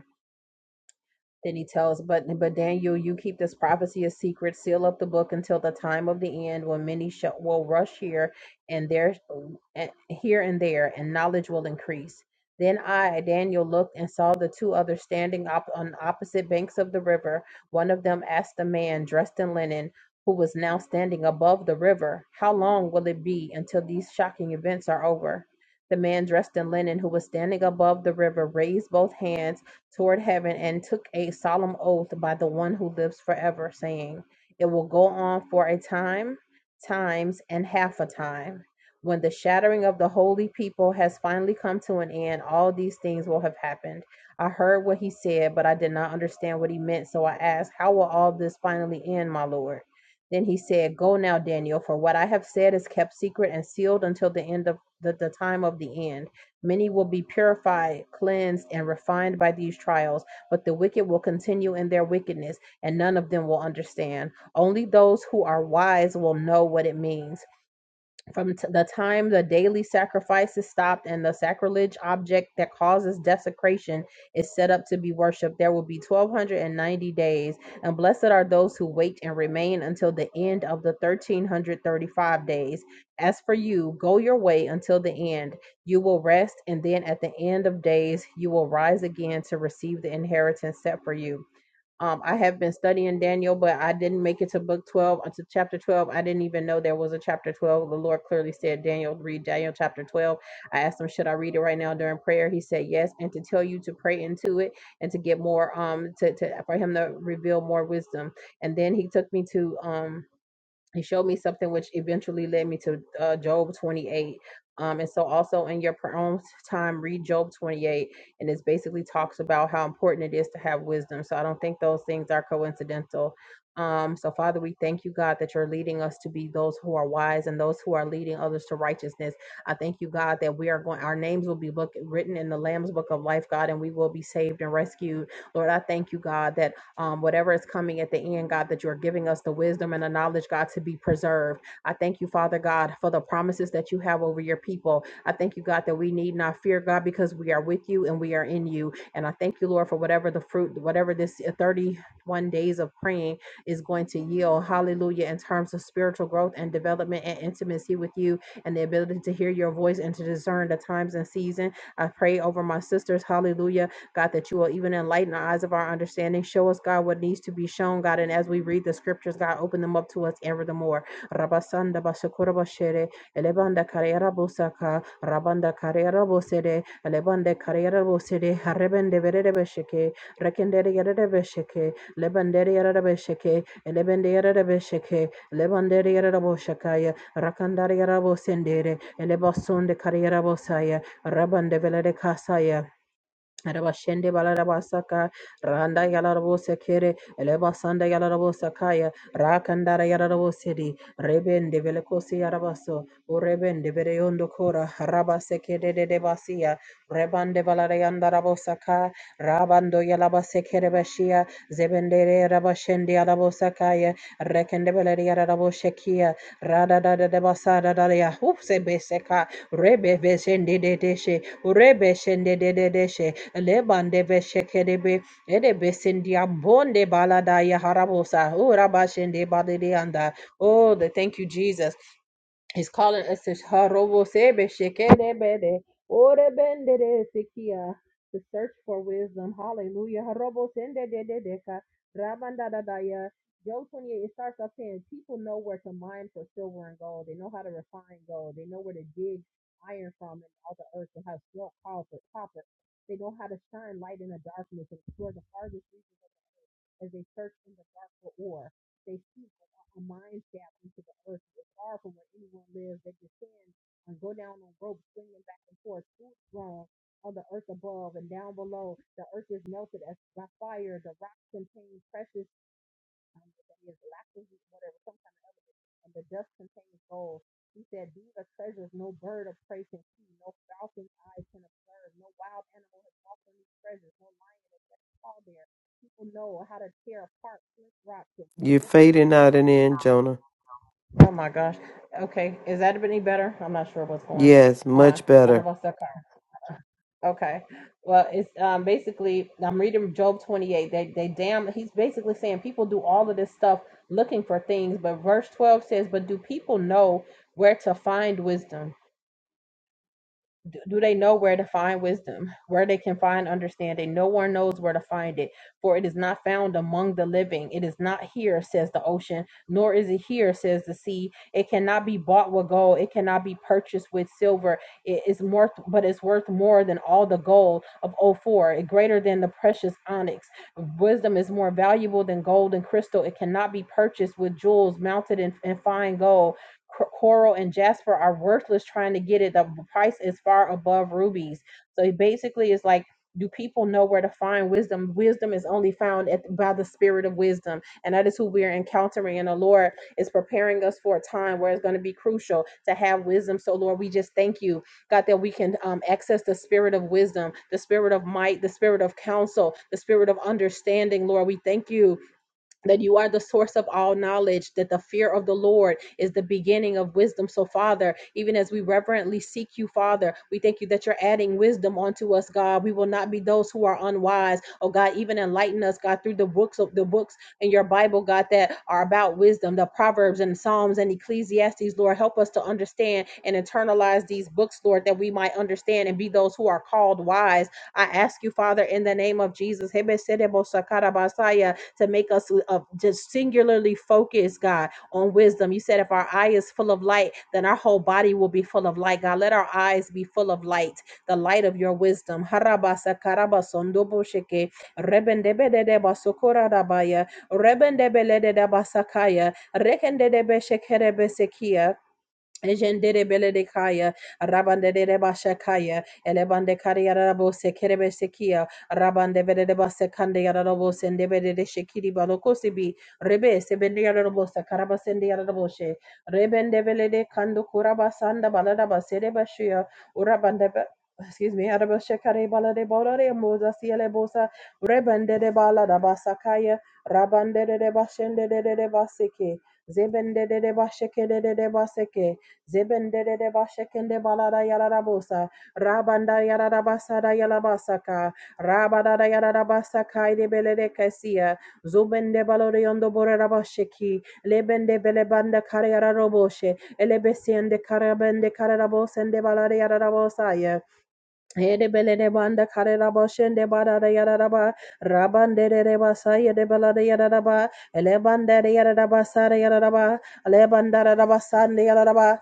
Speaker 1: Then he tells, but but Daniel, you keep this prophecy a secret, seal up the book until the time of the end, when many shall, will rush here and there, and here and there, and knowledge will increase. Then I, Daniel, looked and saw the two others standing up on opposite banks of the river. One of them asked a man dressed in linen, who was now standing above the river, "How long will it be until these shocking events are over?" The man dressed in linen, who was standing above the river, raised both hands toward heaven and took a solemn oath by the one who lives forever, saying, It will go on for a time, times, and half a time. When the shattering of the holy people has finally come to an end, all these things will have happened. I heard what he said, but I did not understand what he meant, so I asked, How will all this finally end, my Lord? Then he said, Go now, Daniel, for what I have said is kept secret and sealed until the end of the, the time of the end. Many will be purified, cleansed, and refined by these trials, but the wicked will continue in their wickedness, and none of them will understand. Only those who are wise will know what it means from t- the time the daily sacrifice is stopped and the sacrilege object that causes desecration is set up to be worshipped, there will be 1290 days. And blessed are those who wait and remain until the end of the 1335 days. As for you, go your way until the end. You will rest, and then at the end of days, you will rise again to receive the inheritance set for you. Um, I have been studying Daniel, but I didn't make it to book 12, uh, to chapter 12. I didn't even know there was a chapter 12. The Lord clearly said, Daniel, read Daniel chapter 12. I asked him, should I read it right now during prayer? He said, yes. And to tell you to pray into it and to get more, um, to, to for him to reveal more wisdom. And then he took me to, um, he showed me something which eventually led me to uh, job 28 um, and so also in your pr- own time read job 28 and it basically talks about how important it is to have wisdom so i don't think those things are coincidental um, so father we thank you god that you're leading us to be those who are wise and those who are leading others to righteousness i thank you god that we are going our names will be book, written in the lamb's book of life god and we will be saved and rescued lord i thank you god that um, whatever is coming at the end, God, that you're giving us the wisdom and the knowledge, God, to be preserved. I thank you, Father God, for the promises that you have over your people. I thank you, God, that we need not fear, God, because we are with you and we are in you. And I thank you, Lord, for whatever the fruit, whatever this uh, 31 days of praying is going to yield. Hallelujah. In terms of spiritual growth and development and intimacy with you and the ability to hear your voice and to discern the times and season. I pray over my sisters. Hallelujah God, that you will even enlighten the eyes of our understanding. Show us, God, what needs to be shown, God. And as we read the scriptures, God, open them up to us ever the more. Rabasanda basakura bashere, elebanda karera bosaka, rabanda karera bosede, elebande karera bosede, harebende verere besheke, rekendere yerere besheke, lebandere yerere besheke, elebende yerere besheke, lebandere yerere boshakaya, rakandare yerere bosendere, elebasonde karera bosaya, rabande velere kasaya, Rabashende balarabasaka randa yalarabose kere elebasanda yalarabose kaya rakandara yalarabose di rebende velekosi yarabaso urebende vereyondo kora harabase kede de Debasia, Reban de basia rebande valarayanda rabosaka rabando yalabase kere bashia zebendere rabashende yarabose kaya rekende veleri yarabose kia rada da da de basada daria upse beseka Deshe, Urebe Shende de de Deshe, Lebande Veshekerebe, Edebesindia Bonde Balada Yaharabosa, Uraba Shende Badirianda. Oh, the thank you, Jesus. He's calling us to Harobo Sebe Shekelebede, Orebendere Sikia, to search for wisdom. Hallelujah. Harobo Sende de de Deka, Rabanda da Daya. Joe 28, it starts off saying people know where to mine for silver and gold. They know how to refine gold. They know where to dig iron from and all the earth and how smoke calls for copper. They know how to shine light in the darkness and explore the hardest regions of the earth as they search in the dark for ore. They seek a mine shaft into the earth. It was far from where anyone lives. They descend and go down on ropes swinging back and forth, food grown on the earth above and down below. The earth is melted as by fire. The rocks contain precious, um, that is lapis, whatever, some kind of element, and the dust contains gold. He said, These are treasures no bird of prey can see, no falcon's eye can observe, no wild animal has walked on these treasures, no lion has ever paw there. People know how to tear apart flint rocks and
Speaker 2: You're
Speaker 1: overturn
Speaker 2: fading out and in, Jonah.
Speaker 1: Oh my gosh. Okay. Is that any better? I'm not sure what's going
Speaker 2: Yes,
Speaker 1: on.
Speaker 2: much
Speaker 1: I
Speaker 2: better.
Speaker 1: don't know if that- Okay. Well, it's um, basically, I'm reading Job 28. They, they damn, he's basically saying people do all of this stuff looking for things. But verse 12 says, But do people know where to find wisdom? do, do they know where to find wisdom where they can find understanding no one knows where to find it for it is not found among the living it is not here says the ocean nor is it here says the sea it cannot be bought with gold it cannot be purchased with silver it is more but it's worth more than all the gold of ophir greater than the precious onyx wisdom is more valuable than gold and crystal it cannot be purchased with jewels mounted in, in fine gold coral and jasper are worthless trying to get it the price is far above rubies so it basically is like do people know where to find wisdom wisdom is only found at, by the spirit of wisdom and that is who we are encountering and the lord is preparing us for a time where it's going to be crucial to have wisdom so lord we just thank you god that we can um, access the spirit of wisdom the spirit of might the spirit of counsel the spirit of understanding lord we thank you that you are the source of all knowledge, that the fear of the Lord is the beginning of wisdom. So, Father, even as we reverently seek you, Father, we thank you that you're adding wisdom onto us, God. We will not be those who are unwise. Oh God, even enlighten us, God, through the books of the books in your Bible, God, that are about wisdom, the Proverbs and Psalms and Ecclesiastes, Lord. Help us to understand and internalize these books, Lord, that we might understand and be those who are called wise. I ask you, Father, in the name of Jesus to make us uh, just singularly focused, God, on wisdom. You said if our eye is full of light, then our whole body will be full of light. God, let our eyes be full of light, the light of your wisdom. Harabasa karaba sondobo rebendebelede basakaya, rekendedebe Ejendere belede kaya, rabande de basha kaya, elebande kariya rabo sekerebe sekia, rabande belede basa kande yarabo sende belede shekiri balokosi bi, rebe sebende yarabo sakaraba sende yarabo she, rebende belede kando kuraba sanda balada basere bashia, urabande be- Excuse me, Araba Shekare Balade Borare Mosa Siele Bosa Rebende de Bala da Basakaya Rabande de Bashende de Baseke Zebende de Basheke de Baseke Zebendere de bashekende balada yalarabosa. Rabanda yalarabasada yalabasaka. Rabadada yalarabasaka idebelede kasia. Zubende baloriondo borerabasheki. Lebende belebanda karayararoboshe. Elebesiende karabende kararabosende balada yararabosaya. Hedebelele banda kareraba şende barara yararaba rabandere reba saye de bela de bela belade yararaba elebandere yararaba sare yararaba lebandara raba sande yararaba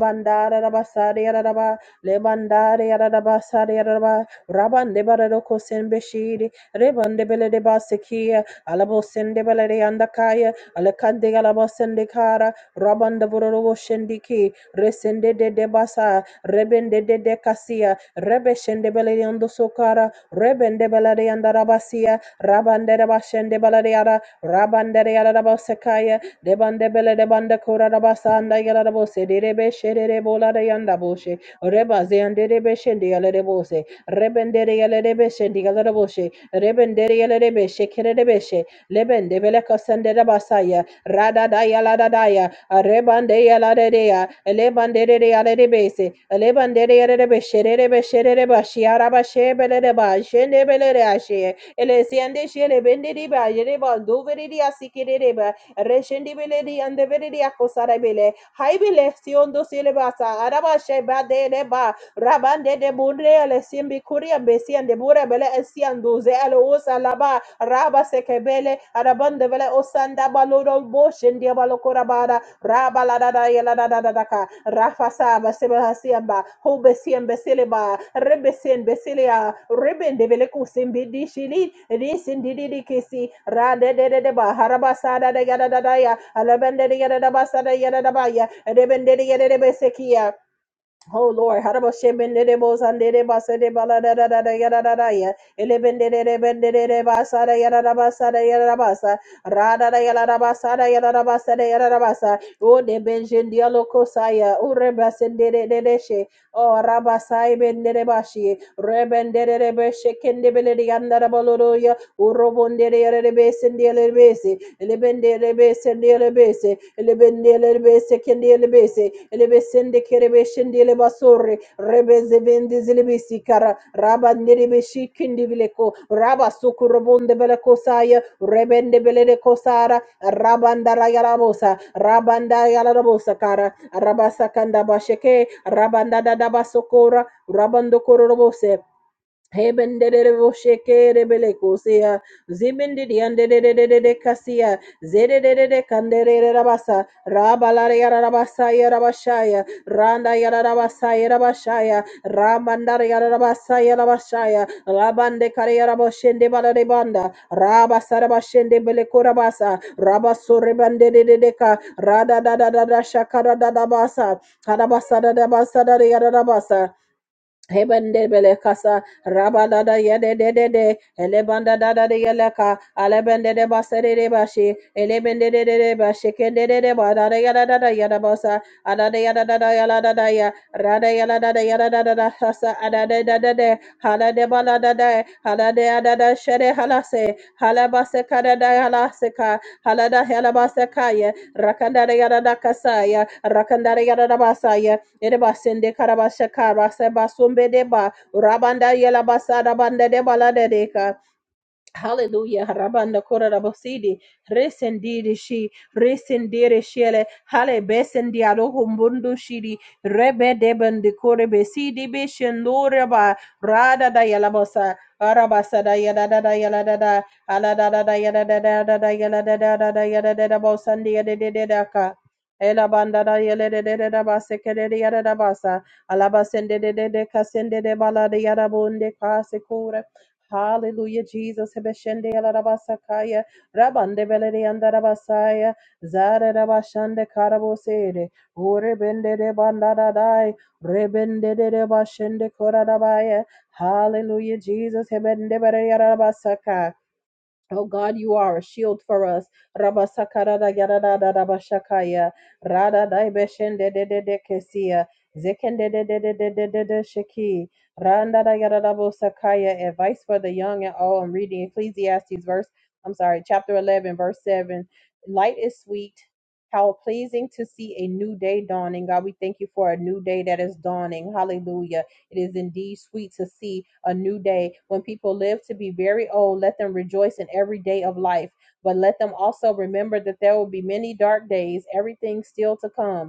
Speaker 1: bandara raba sare yararaba lebandare yararaba sare yararaba rabande bararo kosen beşiri rebande belede basekiye alabo sende belede yandakaya alakande yalaba sende kara rabanda buraro şendiki resende de de debasa rebende de de kasiya. Rebeshendebele and Sokara, Rebendebele and Rabasia, Rabandere Bashende Balariara, Rabandere Arabasekaya, Debandebele de Bandakura Rabasanda Yarabose, Derebe Shere Bola de Yandaboshe, Rebaze and Derebe Shendi Aledebose, Rebendere Aledebe Shendi Aledaboshe, Rebendere Aledebe Shekerebeshe, Lebendebele Cosandere Basaya, Rada Daya Lada Daya, Rebande Yaladea elebandere yarebese elebandere yarebe şerebe şerebe şiaraba şebelere ba şenebelere aşe elesiyende şerebenderi ba yereba duveri asikirere ba reşendibeleri andebeleri akosarabele haybile siyondo silebasa araba şeba dele ba rabande de bunre le simbi kuria besian de bure bele esian duze ele osa laba raba sekebele arabande bele osanda baloro boshen dia Rabaladada Yeladadadaka, Rafasa Basebasiamba, Hobesian Basiliba, Rebesian Basilia, Ribbon Develeku Simbidi Shili, Risin Dididi Kisi, Rade de Deba, Harabasada de Yadadaya, Alabanda de Yadabasada Yadabaya, Rebende de Yadabesekia. Oh Lord, Harabashe elebesende kerebeshende elebasore rebezebendi zilibisikara rabandelebeshikindi bileko rabasukurabonde belekosaya rebende belekosara rabandarayarabosa rabandayarabosakara rabasakandabasheke Rabando rabandokorobose Hebenderebo shekere belekusia, zibindidi andedededede kasia, zedededede kanderere rabasa, rabalare yara rabasa yara bashaya, randa yara rabasa yara bashaya, ramandare yara rabasa yara bashaya, labande kare yara boshende balare banda, rabasa rabashende belekura basa, rabasore bandededede ka, rada da da da da shakara da da basa, karabasa da da basa da yara rabasa, Hebende belekasa rabada da yede de de de elebanda da da de yeleka alebende de basere de bashi elebende de de de bashi kende de de ba da da yada da da yada basa ada da yada da da yada da da ya rada yada da da yada da da da hasa ada da da da de hala de bala da da hala de ada da shere hala se hala basa kada da hala se ka hala da hala basa kaya rakanda da yada da kasaya rakanda da yada da basaya Edebasende karabasha karasa basumbe deba. Rabanda yela basada banda deba la Hallelujah. Rabanda kora rabosidi. Resendiri shi. Resendiri shiele. Hale besendi aloho mbundu shidi. Rebe debendi kore besidi beshen loreba. Rada da yalabosa. Arabasa da yada da da yala da da. Ala da da da yada da da da da yala da da da da yada da da bosandi yada da da da ka. Ela banda da yele de de de da basa kere de yada da basa. Alabasende de de de kasende de bala de yada bonde kase Hallelujah, Jesus. Hebeshende alarabasakaya, rabande belere andarabasaya, zare rabashande karabosere, urebende de bandadadai, rebende de de bashende koradabaya. Hallelujah, Jesus. Hebende belere arabasaka. Oh God, you are a shield for us. Rabba sakarada yarada rabba shakaya. Rada daibeshen de de de de kesia. Zekende de de de de de de de sheki. Randa da yarada bo sakaya. Advice for the young and old. I'm reading Ecclesiastes verse, I'm sorry, chapter 11, verse 7. Light is sweet. How pleasing to see a new day dawning. God, we thank you for a new day that is dawning. Hallelujah. It is indeed sweet to see a new day. When people live to be very old, let them rejoice in every day of life. But let them also remember that there will be many dark days, everything still to come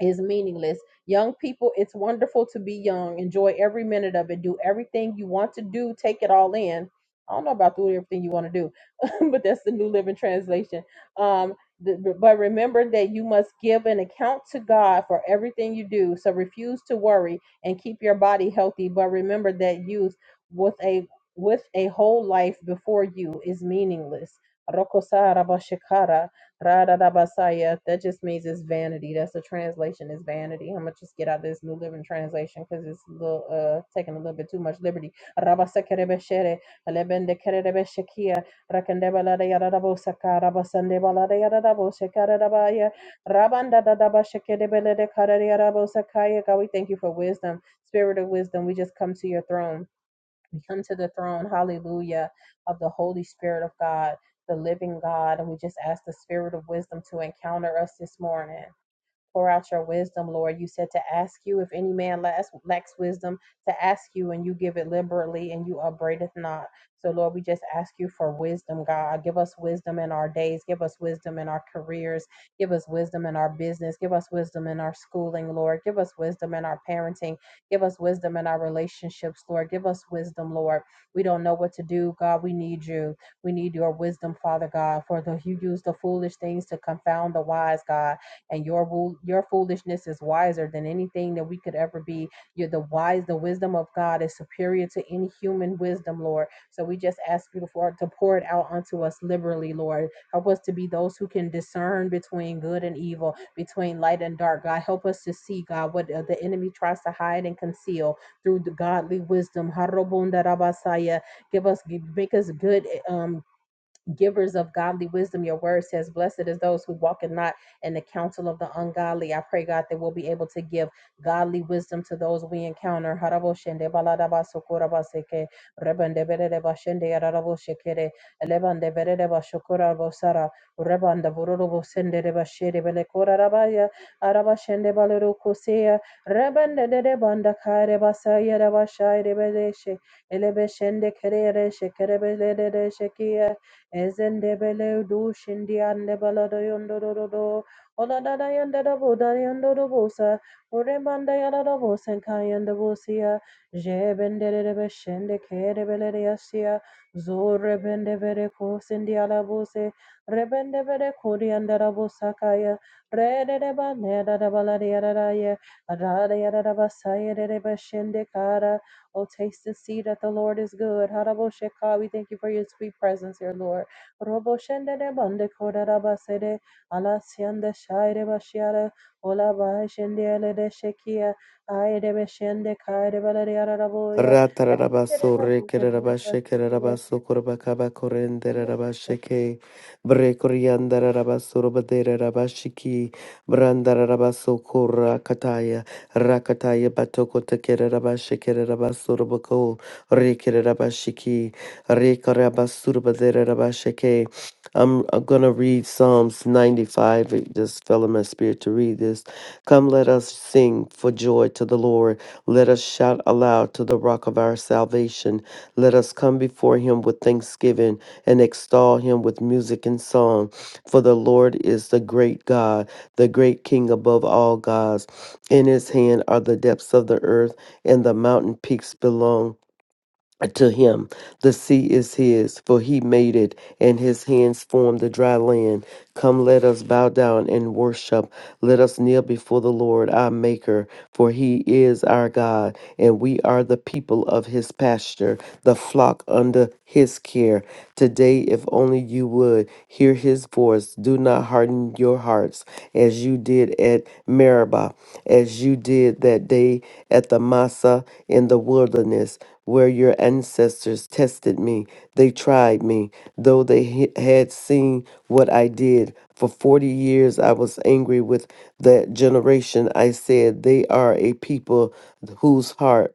Speaker 1: is meaningless. Young people, it's wonderful to be young. Enjoy every minute of it. Do everything you want to do. Take it all in. I don't know about doing everything you want to do, but that's the New Living Translation. Um, th- but remember that you must give an account to God for everything you do. So refuse to worry and keep your body healthy. But remember that youth with a with a whole life before you is meaningless. Radadabasaya, that just means it's vanity. That's the translation is vanity. I'm gonna just get out of this New Living Translation because it's a little, uh, taking a little bit too much liberty. Rabasakerebeshere, alebendekerebeshekia, rakendebaladeyadadabosaka, rabasandebaladeyadadaboshekaradabaya, rabandadadabashekedebeledekaradiadabosakaya. God, we thank you for wisdom, spirit of wisdom. We just come to your throne. We come to the throne, hallelujah, of the Holy Spirit of God, the living God. And we just ask the Spirit of wisdom to encounter us this morning. Pour out your wisdom, Lord. You said to ask you if any man lacks, lacks wisdom, to ask you, and you give it liberally, and you upbraideth not. So, Lord, we just ask you for wisdom, God. Give us wisdom in our days. Give us wisdom in our careers. Give us wisdom in our business. Give us wisdom in our schooling, Lord. Give us wisdom in our parenting. Give us wisdom in our relationships, Lord. Give us wisdom, Lord. We don't know what to do, God. We need you. We need your wisdom, Father God, for the, you use the foolish things to confound the wise, God and your your foolishness is wiser than anything that we could ever be. You're the wise, the wisdom of God is superior to any human wisdom, Lord. So we just ask you for to pour it out unto us liberally, Lord. Help us to be those who can discern between good and evil, between light and dark. God, help us to see, God, what uh, the enemy tries to hide and conceal through the godly wisdom. Harobundarabasaya. Give us, make us good um, givers of godly wisdom. Your word says, Blessed is those who walk in not in the counsel of the ungodly. I pray, God, that we'll be able to give godly wisdom to those we encounter. Haraboshende baladabasukurabasekeh, rebendeberedebashende yararaboshekere, elebandeberedebashukurabosara, rebandabururubosendebasherebelekorarabaya, arabashendebalerukosea, rebendedebandakarebasayarabashairebeleshe, elebeshendekerereshekerebeledereshekia, Ezendebele do shindi andebala do yondoro do. Ola da da yandere bo da yondoro bosa. Uremanda yada da bosen kayende bosia. Jebendere de beshende kere bele de asia. Zore bende vere ko sindi ala bose. Rebende vere kodi andara bosa kaya. Rede de ba ne da da bala de yada da ye. Ada de yada da basaya de de beshende kara. Oh, taste and see that the Lord is good. Harabo Shekha, we thank you for your sweet presence here, Lord. Robo de bande kora raba sede shaire bashiara ola ba ele de shekia aire be shende kaire raboya Erebesere
Speaker 2: Ratarabaso rekerabashe kerabaso korbakaba korenderabasheke brekoriandarabaso robaderabashiki brandarabaso kora kataya rakataya batoko tekerabashe kerabaso robako rekerabashiki rekarabaso robaderabasheke I'm, I'm gonna read Psalms 95. It just fell in my spirit to read this. Come, let us sing for joy to the Lord let us shout aloud to the rock of our salvation. Let us come before him with thanksgiving and extol him with music and song. For the Lord is the great God, the great King above all gods. In his hand are the depths of the earth, and the mountain peaks belong to him the sea is his for he made it and his hands formed the dry land come let us bow down and worship let us kneel before the lord our maker for he is our god and we are the people of his pasture the flock under his care Today, if only you would hear his voice, do not harden your hearts as you did at Meribah, as you did that day at the Massa in the wilderness, where your ancestors tested me. They tried me, though they he- had seen what I did. For 40 years, I was angry with that generation. I said, They are a people whose heart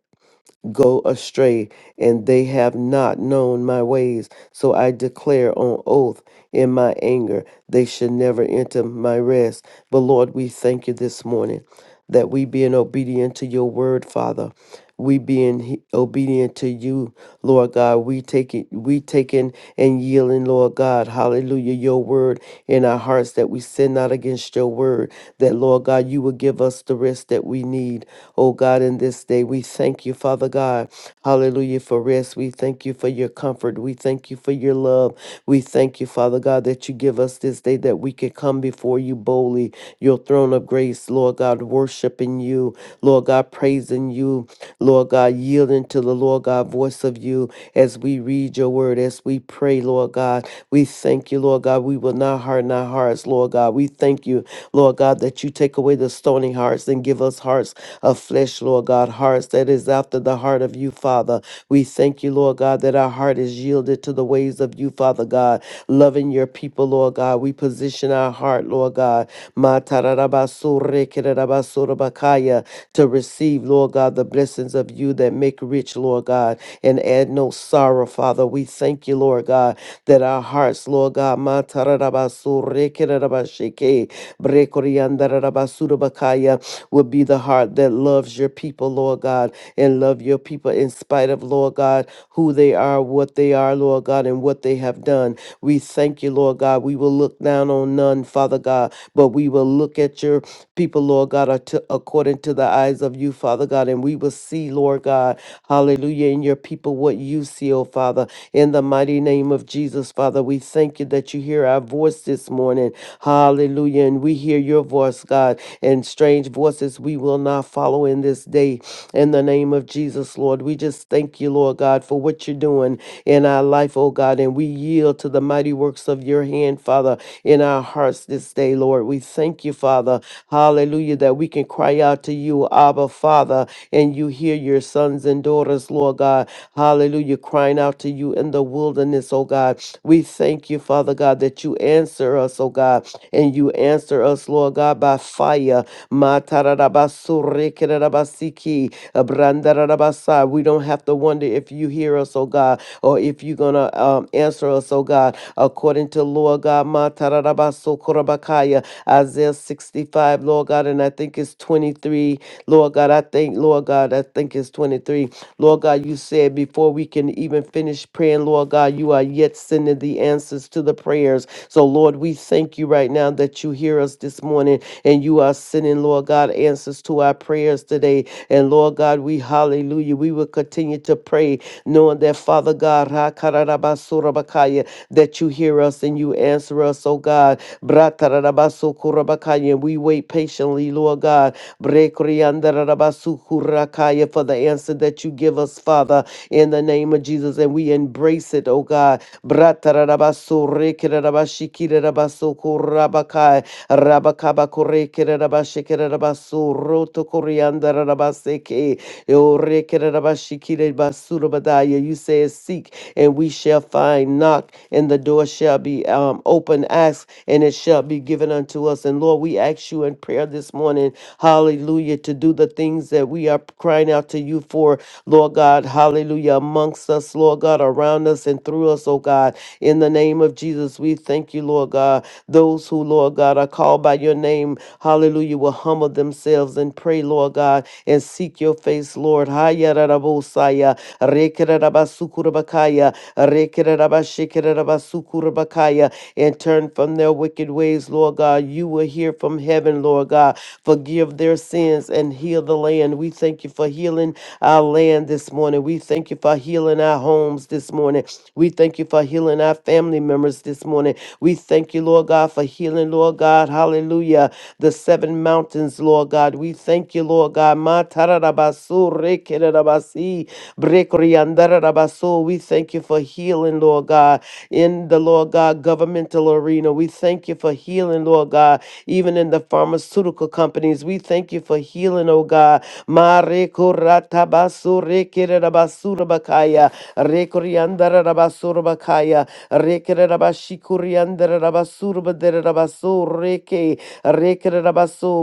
Speaker 2: go astray, and they have not known my ways. So I declare on oath in my anger, they should never enter my rest. But Lord, we thank you this morning that we being obedient to your word, Father we being he- obedient to you, Lord God. We taking, we taking and yielding, Lord God. Hallelujah. Your word in our hearts that we sin not against your word. That Lord God, you will give us the rest that we need. Oh God, in this day, we thank you, Father God. Hallelujah for rest. We thank you for your comfort. We thank you for your love. We thank you, Father God, that you give us this day that we could come before you boldly, your throne of grace, Lord God, worshiping you, Lord God, praising you. Lord God, yielding to the Lord God voice of you as we read your word, as we pray, Lord God. We thank you, Lord God. We will not harden our hearts, Lord God. We thank you Lord God, that you take away the stony hearts and give us hearts of flesh, Lord God, hearts that is after the heart of you, Father. We thank you, Lord God, that our heart is yielded to the ways of you, Father God, loving your people, Lord God. We position our heart, Lord God, Ma tararabaso rekerabaso rabakaya, to receive, Lord God, the blessings of you that make rich, Lord. Lord God, and add no sorrow, Father. We thank you, Lord God, that our hearts, Lord God, ma tararabasu, rekererabashike, brekoriandararabasurabakaya, will be the heart that loves your people, Lord God, and love your people in spite of, Lord God, who they are, what they are, Lord God, and what they have done. We thank you, Lord God. We will look not down on none, Father God, but we will look at your people, Lord God, are to- according to the eyes of you, Father God, and we will see, Lord God, hallelujah, in your people what you see, oh Father, in the mighty name of Jesus, Father. We thank you that you hear our voice this morning, hallelujah, and we hear your voice, God, and strange voices we will not follow in this day in the name of Jesus, Lord. We just thank you, Lord God, for what you're doing in our life, oh God. And we yield to the mighty works of your hand, Father, in our hearts this day, Lord. We thank you, Father. Hallelujah, that we can cry out to you, Abba, Father, and you hear your sons and daughters, Lord God. Hallelujah, crying out to you in the wilderness, oh God. We thank you, Father God, that you answer us, oh God, and you answer us, Lord God, by fire Rabasaya, Matarabasurikerabasiki, Abrandarabasa. We don't have to wonder if you hear us, oh God, or if you're going to um, answer us, oh God, according to Lord God, Matarabasokorabakaya, Isaiah 65, Lord God, and I think it's 23. Lord God, I think, Lord God, I think it's 23. Lord God, you said before we can even finish praying, Lord God, you are yet sending the answers to the prayers. So, Lord, Lord, we thank you right now that you hear us this morning and you are sending, Lord God, answers to our prayers today. And Lord God, we hallelujah. We will continue to pray, knowing that Father God, ha kararabasurabakaya, that you hear us and you answer us, oh God. Bratarabasurabakaya, And we wait patiently, Lord God. Brekriandarabasukurakaya, For the answer that you give us, Father, in the name of Jesus. And we embrace it blessed, O God. Bratarabaso rekerabashikerabasoko rabakai rabakabakorekerabashikerabaso roto koriandarabaseke orekerabashikerebasurabadaya. You say, Seek and we shall find, knock and the door shall be um, open, ask and it shall be given unto us. And Lord, we ask you in prayer this morning, hallelujah, to do the things that we are crying out to you for Lord God, hallelujah, amongst us, Lord God, around us and through us, oh God. In the name of Jesus, we thank you, Lord God. Those who, Lord God, are called by your name, hallelujah, will humble themselves and pray, Lord God, and seek your face, Lord. Hayarabosaya, rekerabasukurabakaya, rekerabashikerabasukurabakaya, And turn from their wicked ways, Lord God. You will hear from heaven, Lord God. Forgive their sins and heal heal the land. We thank you for healing our land this morning. We thank you for healing our homes this morning. We thank you for healing our family members this morning. We thank you, Lord God, for healing, Lord God. Hallelujah. The seven mountains, Lord God. We thank you, Lord God. Ma tararabasu rekererabasi, brekriandarabasu. We thank you for healing, Lord God, in the Lord God governmental arena. We thank you for healing, Lord God, even in the the pharmaceutical companies. We thank you for healing, oh God. Ma reko rata baso reke rabasura bakaya. Reko riandara rabasura bakaya. Reke rabashiku riandara rabasura badere rabaso reke. Reke re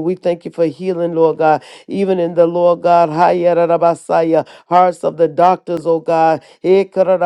Speaker 2: We thank you for healing, Lord God. Even in the Lord God, haya rabasaya, hearts of the doctors, oh God. Eka ra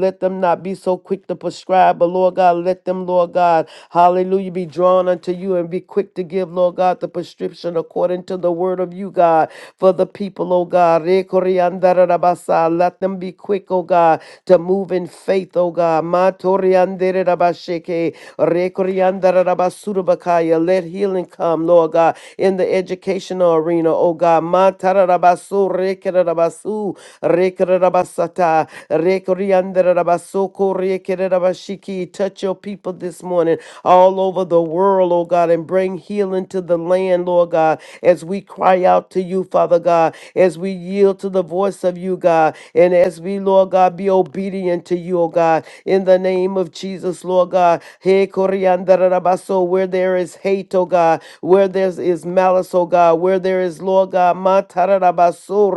Speaker 2: Let them not be so quick to prescribe, but Lord God, let them, Lord God. Hallelujah. Be drawn unto you and be quick to give, Lord God, the prescription according to the word of you, God, for the people, oh God. Rekoriandarabasa. Let them be quick, oh God, to move in faith, oh God. Matorianderabashake. Rekoriandarabasurabakaya. Let healing come, Lord God, in the educational arena, oh God. Matarabasu, rekarabasu, rekarabasata. Rekoriandarabasokoriakererabashiki. Touch your people this morning all over the world, oh God, and bring healing to the land, Lord God, as we cry out to you, Father God, as we yield to the voice of you, God, and as we, Lord God, be obedient to you, oh God, in the name of Jesus, Lord God. Hey, Koriandarabaso, where there is hate, oh God, where there is malice, oh God, where there is, Lord God, Kararabaso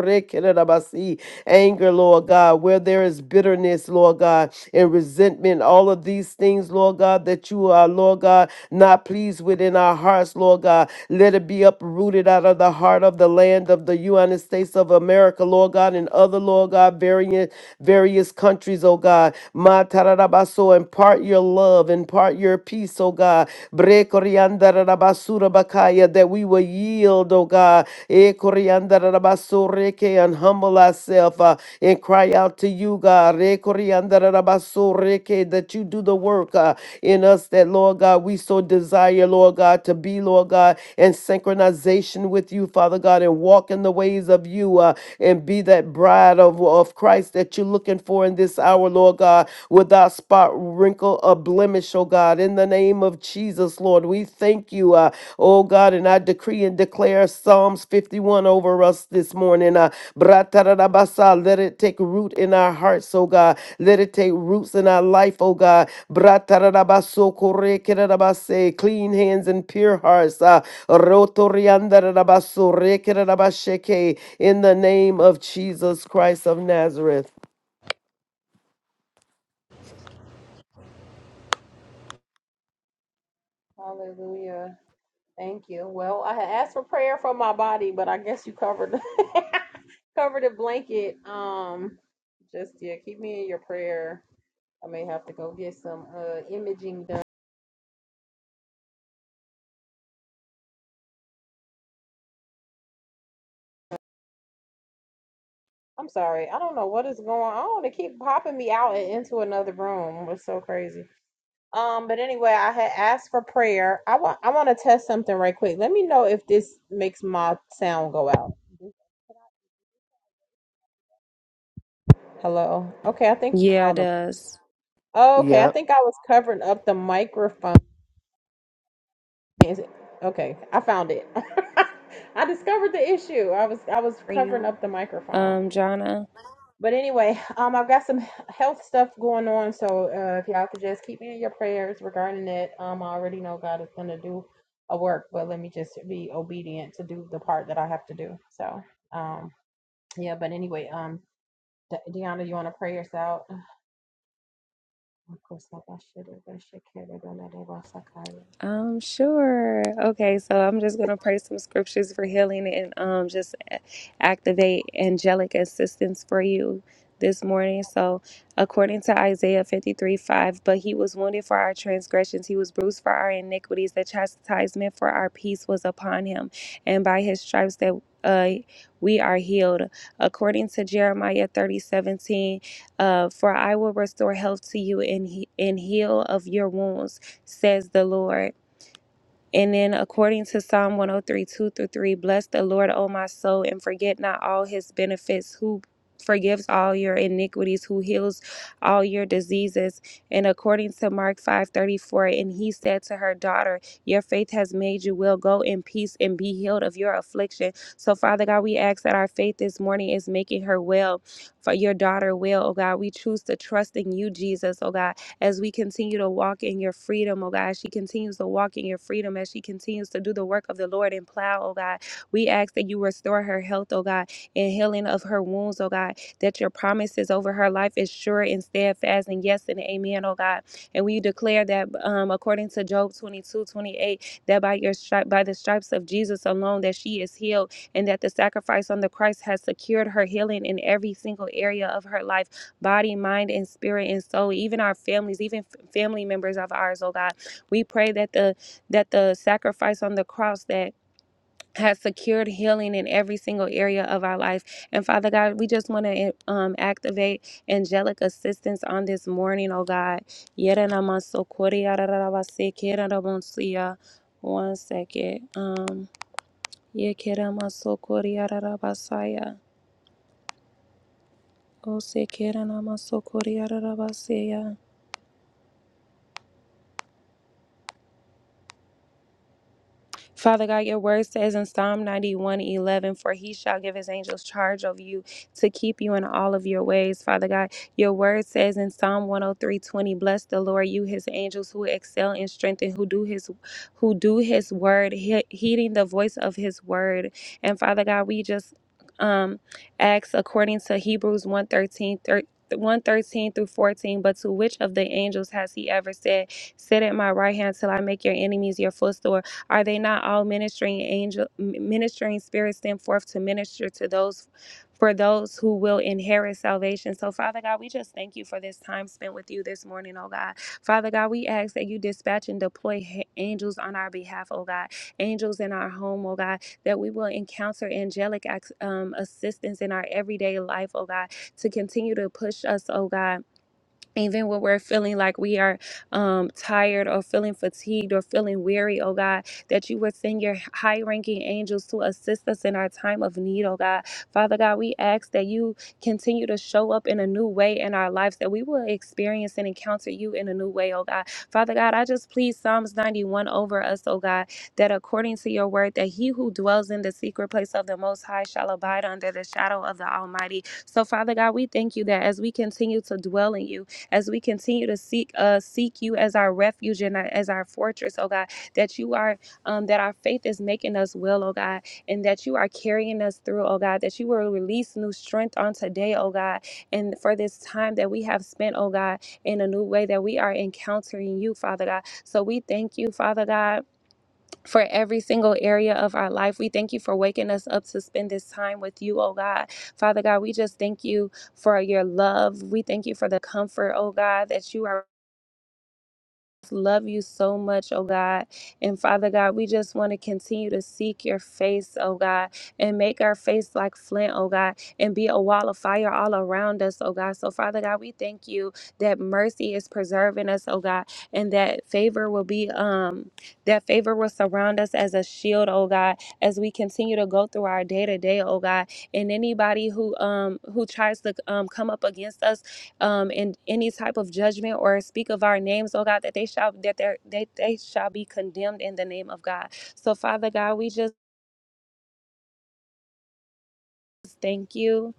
Speaker 2: Anger, Lord God, where there is bitterness, Lord God, and resentment, all of these things, Lord God, that you are, Lord God, not pleased with in our hearts, Lord God. Let it be uprooted out of the heart of the land of the United States of America, Lord God, and other, Lord God, various, various countries, oh God. Ma tararabaso, impart your love, impart your peace, oh God. Bre Surabakaya, that we will yield, oh God, eh, Koriandarabasore, and humble ourselves uh, and cry out to you, God, eh, Koriandarabasore, that you do the work uh, in us that, Lord God, we so desire, Lord God, to be, Lord God, in synchronization with you, Father God, and walk in the ways of you uh, and be that bride of, of Christ that you're looking for in this hour, Lord God, without spot, wrinkle, a blemish, oh God. In the name of Jesus, Lord, we thank you, uh, oh God, and I decree and declare Psalms 51 over us this morning. Uh, Bratarabasa, let it take root in our hearts, oh God. Let it take roots in our life, oh God. Bratarabaso korekerabase, clean hands and pure hearts. Uh, rotoriandarabaso rekerabasheke, in the name of Jesus Christ of Nazareth.
Speaker 1: Hallelujah. Thank you. Well, I had asked for prayer for my body, but I guess you covered covered the blanket. Um, just yeah, keep me in your prayer. I may have to go get some uh imaging done. I'm sorry. I don't know what is going on. They keep popping me out and into another room. It's so crazy. Um, but anyway, I had asked for prayer. I want I want to test something right quick. Let me know if this makes my sound go out. Hello. Okay, I think I
Speaker 3: Yeah, it
Speaker 1: found them.
Speaker 3: does.
Speaker 1: Okay, I
Speaker 2: Yep.
Speaker 1: think I was covering up the microphone. Is it- Okay, I found it. I discovered the issue. I was I was
Speaker 3: for
Speaker 1: covering
Speaker 3: you.
Speaker 1: up the microphone.
Speaker 3: Um, Jonna,
Speaker 1: But anyway, um, I've got some health stuff going on, so uh, if y'all could just keep me in your prayers regarding that. Um, I already know God is gonna do a work, but let me just be obedient to do the part that I have to do. So, um, yeah. But anyway, um, De- Deanna, you want to pray us out?
Speaker 3: Um, sure. Okay, so I'm just gonna pray some scriptures for healing and um just a- activate angelic assistance for you this morning. So according to Isaiah 53, 5, but he was wounded for our transgressions, he was bruised for our iniquities, the chastisement for our peace was upon him, and by his stripes that uh we are healed. According to Jeremiah 30:17, uh, for I will restore health to you and, he- and heal of your wounds, says the Lord. And then, according to Psalm 1032 through 3, bless the Lord, O my soul, and forget not all his benefits, who forgives all your iniquities, who heals all your diseases. And according to Mark 5:34, and he said to her daughter, Your faith has made you well. Go in peace and be healed of your affliction. So, Father God, we ask that our faith this morning is making her well, for your daughter well, oh God. We choose to trust in you, Jesus, oh God as we continue to walk in your freedom, oh God. As She continues to walk in your freedom as she continues to do the work of the Lord and plow, oh God. We ask that you restore her health, oh God, and healing of her wounds, oh God, that your promises over her life is sure and steadfast, and yes and amen, oh God. And we declare that um, according to Job 22:28, that by your stri- by the stripes of Jesus alone that she is healed and that the sacrifice on the Christ has secured her healing in every single area of her life body, mind, and spirit and soul, even our families, even f- family members of ours, oh God. We pray that the that the sacrifice on the cross that has secured healing in every single area of our life. And Father God, we just want to um, activate angelic assistance on this morning, oh God. Yeranamasokoriyarararabasekeraramonsia. One second. Um, yekeramasokoriyararabasaya. Osekeranamasokoriyararabaseya. Father God, your word says in Psalm 91 11, For he shall give his angels charge over you to keep you in all of your ways. Father God, your word says in Psalm 103 20, Bless the Lord, you his angels who excel in strength and who do his who do his word, he- heeding the voice of his word. And Father God, we just um ask according to Hebrews 113 thir- 113 through 14 but to which of the angels has he ever said sit at my right hand till i make your enemies your footstool are they not all ministering angel ministering spirits sent forth to minister to those for those who will inherit salvation. So, Father God, we just thank you for this time spent with you this morning, oh God. Father God, we ask that you dispatch and deploy h- angels on our behalf, oh God. Angels in our home, oh God, that we will encounter angelic ac- um, assistance in our everyday life, oh God, to continue to push us, oh God even when we're feeling like we are um, tired or feeling fatigued or feeling weary, oh God, that you would send your high ranking angels to assist us in our time of need, oh God. Father God, we ask that you continue to show up in a new way in our lives, that we will experience and encounter you in a new way, oh God. Father God, I just please Psalms 91 over us, oh God, that according to your word, that he who dwells in the secret place of the Most High shall abide under the shadow of the Almighty. So, Father God, we thank you that as we continue to dwell in you, as we continue to seek uh seek you as our refuge and our- as our fortress, oh God, that you are um that our faith is making us well, oh God, and that you are carrying us through, oh God, that you will release new strength on today, oh God, and for this time that we have spent, oh God, in a new way that we are encountering you, Father God. So we thank you, Father God for every single area of our life. We thank you for waking us up to spend this time with you, oh God. Father God, we just thank you for your love. We thank you for the comfort, oh God, that you are love you so much, oh God. And Father God, we just want to continue to seek your face, oh God, and make our face like flint, oh God, and be a wall of fire all around us, oh God. So, Father God, we thank you that mercy is preserving us, oh God, and that favor will be, um, that favor will surround us as a shield, oh God, as we continue to go through our day to day, oh God. And anybody who, um, who tries to, um, come up against us, um, in any type of judgment or speak of our names, oh God, that they shall that they they they shall be condemned in the name of God. So Father God, we just thank you.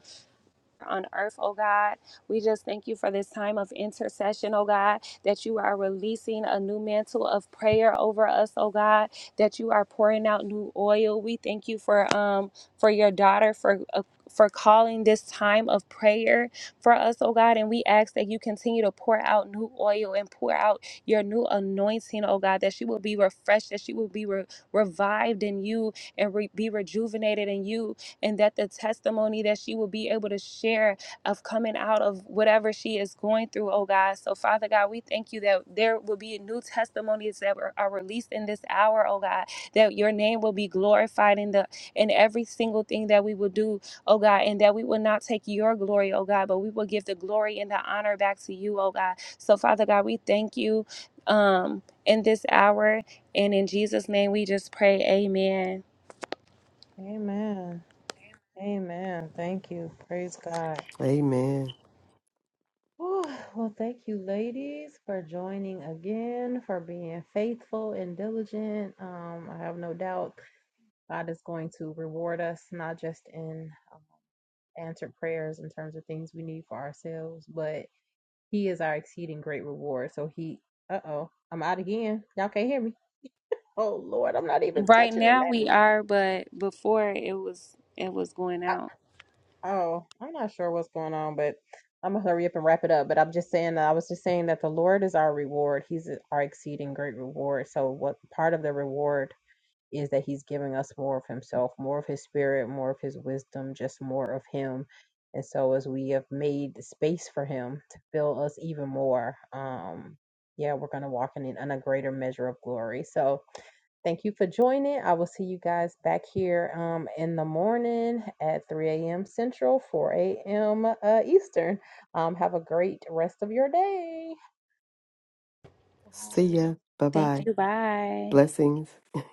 Speaker 3: on earth, oh God. We just thank you for this time of intercession, oh God, that you are releasing a new mantle of prayer over us, oh God, that you are pouring out new oil. We thank you for um for your daughter for uh, for calling this time of prayer for us, oh God, and we ask that you continue to pour out new oil and pour out your new anointing, oh God, that she will be refreshed, that she will be re- revived in you and re- be rejuvenated in you, and that the testimony that she will be able to share of coming out of whatever she is going through, oh God. So, Father God, we thank you that there will be new testimonies that are are released in this hour, oh God, that your name will be glorified in the in every single thing that we will do, oh God, and that we will not take your glory, oh God, but we will give the glory and the honor back to you, oh God. So, Father God, we thank you um in this hour and in Jesus' name we just pray, Amen.
Speaker 1: Amen. Amen. Thank you. Praise God.
Speaker 2: Amen.
Speaker 1: Whew. Well, thank you, ladies, for joining again, for being faithful and diligent. Um, I have no doubt God is going to reward us, not just in um, answered prayers in terms of things we need for ourselves, but He is our exceeding great reward. So He, uh oh, I'm out again. Y'all can't hear me. Oh Lord, I'm not even
Speaker 3: Right
Speaker 1: touching the
Speaker 3: now we
Speaker 1: name.
Speaker 3: are, but before it was it was going out.
Speaker 1: Oh, I'm not sure what's going on, but I'm gonna hurry up and wrap it up. But I'm just saying that I was just saying that the Lord is our reward. He's our exceeding great reward. So what part of the reward? is that he's giving us more of himself, more of his spirit, more of his wisdom, just more of him. And so as we have made the space for him to fill us even more, um, yeah, we're going to walk in, in a greater measure of glory. So thank you for joining. I will see you guys back here um, in the morning at 3 a.m. Central, 4 a.m. Uh, Eastern. Um, have a great rest of your day.
Speaker 2: See
Speaker 1: Bye.
Speaker 2: ya. Bye
Speaker 3: Thank
Speaker 2: bye.
Speaker 3: you. Bye.
Speaker 2: Blessings.